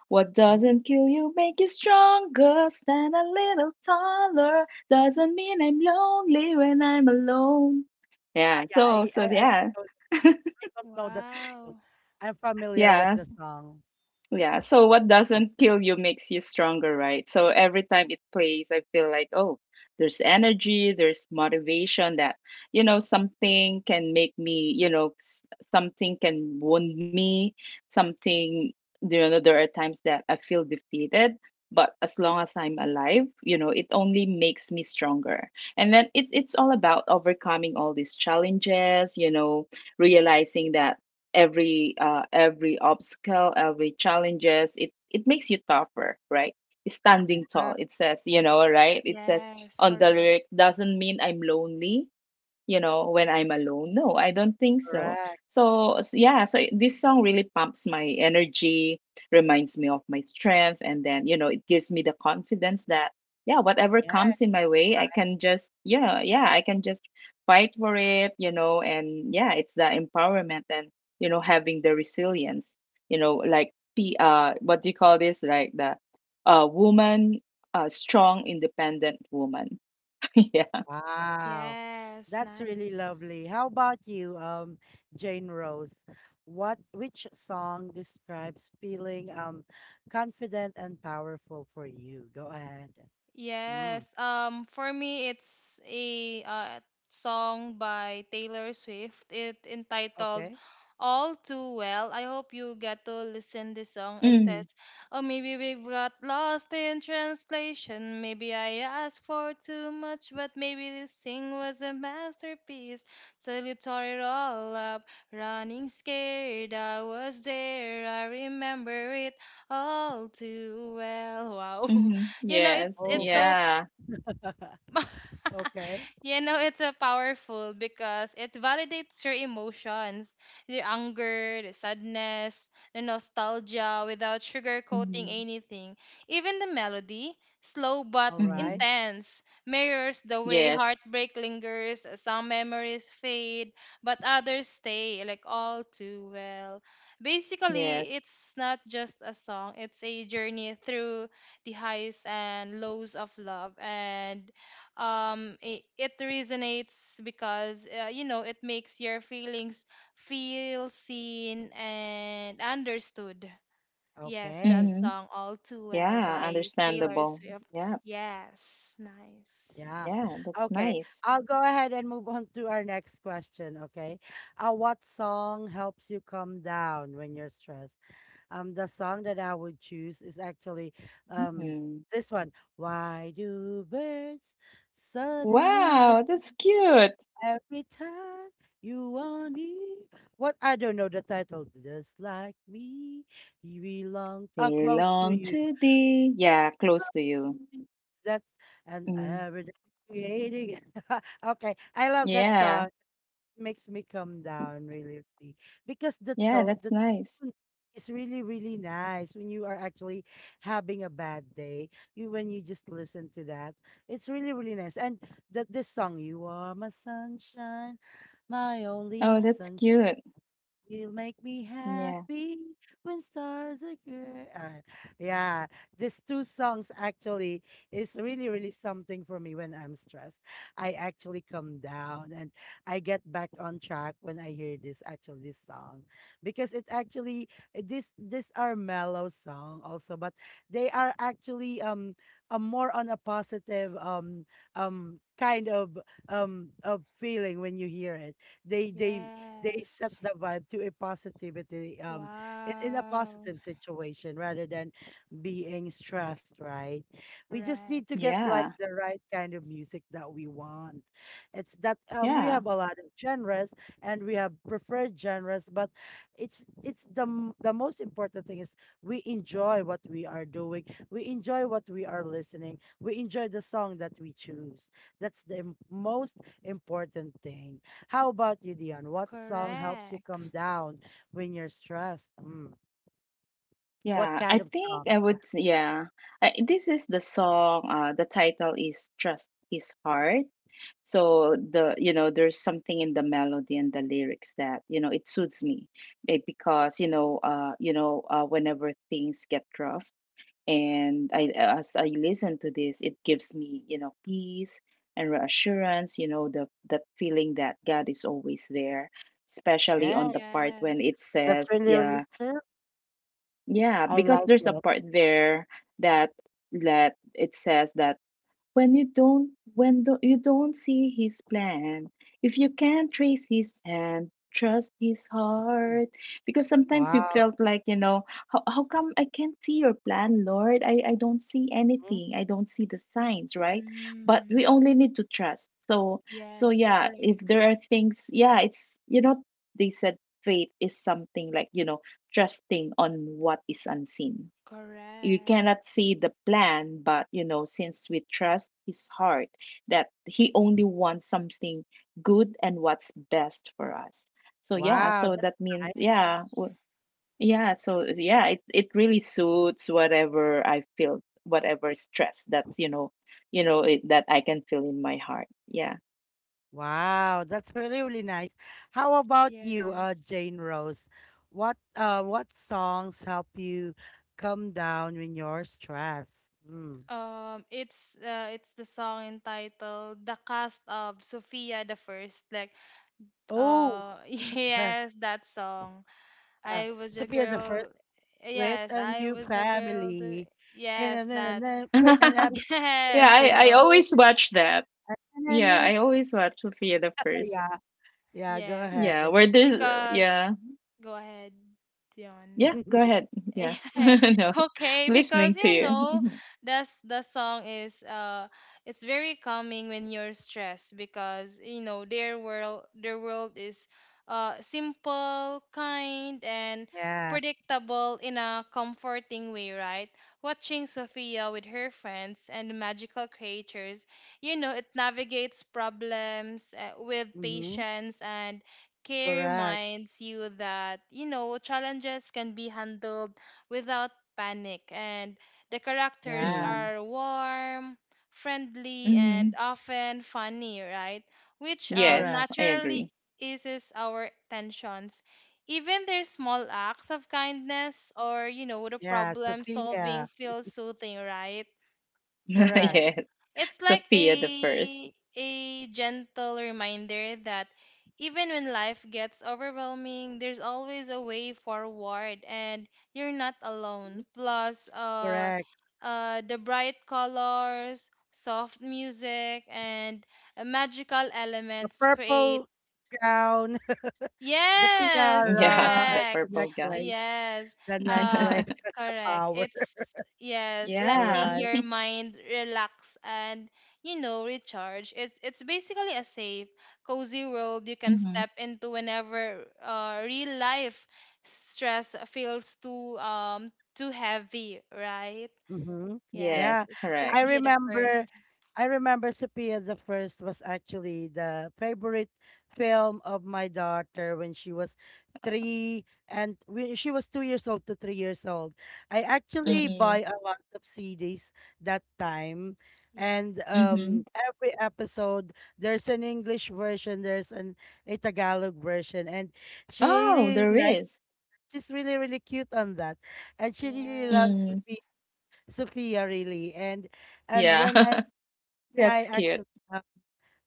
What Mhm. doesn't kill you make you stronger. Stand a little taller. Doesn't mean I'm lonely when I'm alone. Yeah, Yeah. yeah. Don't I don't know the title. Wow. I'm familiar with Yeah. the song. Yeah, so what doesn't kill you makes you stronger, right? So every time it plays, I feel like, oh, there's energy, there's motivation that, you know, something can make me, you know, something can wound me, something, you know, there are times that I feel defeated, but as long as I'm alive, you know, it only makes me stronger. And then it's all about overcoming all these challenges, you know, realizing that every obstacle, every challenges, it makes you tougher, right? Standing Ah, tall, it says, you know, right? It says Yes, on the correct. lyric doesn't mean I'm lonely, you know, when I'm alone. No, I don't think so. correct. So, yeah, so this song really pumps my energy, reminds me of my strength, and then, you know, it gives me the confidence that, yeah, whatever Yeah. comes in my way, I can just, yeah, I can just fight for it, you know, and yeah, it's the empowerment and, you know, having the resilience, you know, like, what do you call this? Like the woman, strong, independent woman. (laughs) Yeah. Wow. Yes, That's really nice. lovely. How about you, Jane Rose? What which song describes feeling confident and powerful for you? Go ahead. Yes. Mm, For me, it's a song by Taylor Swift. It entitled okay. "All Too Well." I hope you get to listen this song. It Mm. says, "Oh, maybe we've got lost in translation. Maybe I asked for too much, but maybe this thing was a masterpiece. Till you tore it all up, running scared. I was there. I remember it all too well." Wow. (laughs) Mhm. you know Yes. Oh, it's so Yeah. (laughs) (laughs) okay. you know it's a powerful because it validates your emotions, the anger, the sadness, the nostalgia without sugarcoating Mhm. anything. Even the melody, slow but All right. Mhm. intense, mirrors the way Yes. heartbreak lingers. Some memories fade, but others stay like all too well. Basically Yes. it's not just a song, it's a journey through the highs and lows of love, and it resonates because you know it makes your feelings feel seen and understood. Yes, that Okay. Mhm. song, All Too Well Yeah, by Taylor understandable. Swift. Yeah. Yes, nice. Yeah. Yeah, that's Okay. nice. I'll go ahead and move on to our next question. Okay. What song helps you calm down when you're stressed? The song that I would choose is actually um Mhm. this one. Why do birds suddenly Wow, that's cute. every time you want me? What I don't know the title. Just like me, you belong oh They close to long you. to be. Yeah, close to you. That's an Mm. every day creating. (laughs) Okay, I love that Yeah. song. Makes me calm down really, really, because the Yeah, to that's the nice. tune is really really nice. When you are actually having a bad day, you when you just listen to that, it's really really nice. And that this song, you are my sunshine, my only Oh, that's sun, cute. you make me Yeah. happy when stars are good. Yeah, these two songs actually is really, really something for me when I'm stressed. I actually come down and I get back on track when I hear this actually this song. Because it actually this these are mellow song also, but they are actually a more on a positive kind of feeling when you hear it. they they they set Yes. the vibe to a positivity, in a Wow. positive situation rather than being stressed, right? We just need to Correct. get like Yeah. the right kind of music that we want. It's that we Yeah. have a lot of genres and we have preferred genres. But it's the the most important thing is we enjoy what we are doing, we enjoy what we are listening, we enjoy the song that we choose. That's the most important thing. How about you, Dion? What song helps you Correct. come down when you're stressed? Mm. What Yeah, I kind of think song I is would, that? Yeah. I, this is the song, the title is Trust His Heart. So the you know there's something in the melody and the lyrics that you know it suits me. Because you know whenever things get rough, and I as I listen to this it gives me you know peace and reassurance, you know the that feeling that God is always there, especially on Yeah, the part when Yes. it that's says, really, really yeah, true. yeah, I because like there's a it. part there that that it says that when you don't you don't see his plan, if you can't trace his hand, trust his Mm. heart. Because sometimes you Wow. felt like you know how come I can't see your plan, Lord? I don't see Mm. anything, I don't see the signs, right? But we Mm. only need to trust. So so Yes, yeah, if correct. there are things, yeah it's you know they said faith is something like you know trusting on what is unseen. You Correct. cannot see the plan, but you know since we trust his heart, that he only wants something good and what's best for us. So yeah, Wow, so that's that means nice. Yes. Yeah, so yeah it really suits whatever I feel, whatever stress that's you know, you know that I can feel in my heart. Yeah. Wow, that's really, really nice. How about you, Yes. Jane Rose? What songs help you come down when you're stressed? Mm. It's the song entitled "The Cast of Sophia the First." Like, Oh, (laughs) (laughs) yes, that song. uh, I was a Sophia the First girl. with Yes, a I new was a girl. The, family, yes, and then that. (laughs) Yeah, and (laughs) Abby Yes, i you princess. i know. Oh, always watch that. and then Yeah, I always watch Sophia the oh, First. yeah, yeah. Go Yes, Yeah ahead. where this, because yeah. go ahead, Dion. Yeah, go (laughs) ahead. Yeah. (laughs) Yeah, No, (laughs) okay, because listening to you you. know, Mhm. that's the song is it's very calming when you're stressed because you know their world is simple, kind, and Yeah. predictable in a comforting way, right? Watching Sophia with her friends and magical creatures, you know, it navigates problems with Mm-hmm. patience and care, Correct. reminds you that you know challenges can be handled without panic, and the characters Yeah. Mm. are warm, friendly, and Mhm. often funny, right? Which Correct. Yes, I naturally agree. eases our tensions. Even their small acts of kindness or, you know, the Yeah. problem solving Sophia. feels soothing, right? (laughs) Correct. Yes. It's like Sophia the first. A gentle reminder that even when life gets overwhelming, there's always a way forward and you're not alone. Mhm. Plus Correct. The bright colors, soft music, and magical The elements create. purple gown, (laughs) the Yes, Yeah, (laughs) the tiara, and correct. the purple gown. Necklace. Yes. The Uh necklace (laughs) (laughs) has the correct. power. It's yes, (laughs) All Yeah. letting right. your mind relax and you know recharge. It's basically a safe, cozy world you can Mm-hmm. step into whenever real life stress feels too heavy, right? Mm-hmm. Yes, Yes, Yeah. it's I correct. Sophia the remember First. I remember Sophia the First was actually the favorite film of my daughter when she was three, and when she was 2 years old to 3 years old. I actually buy Mm-mm. a lot of CDs that time. Yeah. And Mm-hmm. every episode, there's an English version, there's an a Tagalog version, and she Oh, really there likes. is. She's really really cute on that, and she really Yeah. loves Mm. Sophia. Sophia really, and Yeah. when (laughs) I That's cute. actually uh,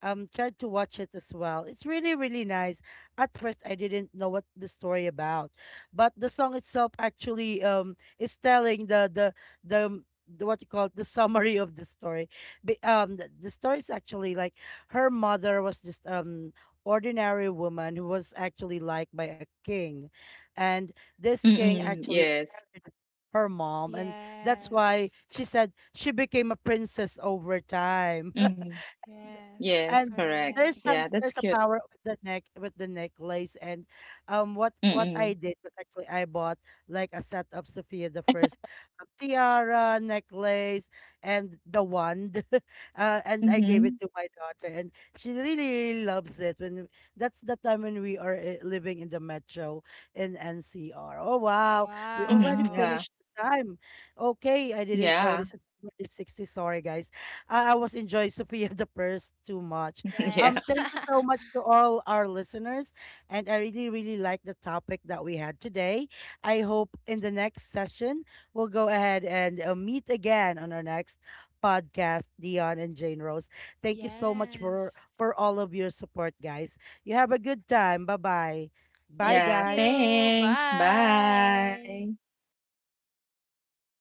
tried to watch it as well. It's really really nice. At first I didn't know what the story about, but the song itself actually is telling the what you call it, the summary of the story. The story is actually like her mother was just ordinary woman who was actually liked by a king, and this king Mm-mm. actually Yes. married her mom. And that's Yes. why she said she became a princess over time. (laughs) Mm. th- Yes. Yes, and correct. there's Correct. Yeah, some that's there's a cute. power with the neck with the necklace. And what I Mm-mm. did was actually I bought like a set of Sophia the First tiara necklace and the wand. (laughs) And I gave it Mm-hmm. to my daughter, and she really, really loves it when that's the time when we are living in the metro in NCR. Oh wow, we already Mm-hmm. Wow. Yeah. finished the time. Okay, I didn't Yeah. notice it's already 60. Sorry guys, I was enjoying (laughs) Sophia the First too much. (laughs) Yeah. Yes. (laughs) Thank you so much to all our listeners, and I really, really like the topic that we had today. I hope in the next session we'll go ahead and meet again on our next podcast, Dion and Jane Rose. Thank you so much for Yes. for all of your support, guys. You have a good time. Bye bye. Bye, Thank Yeah, guys. you. thanks. Bye. Bye.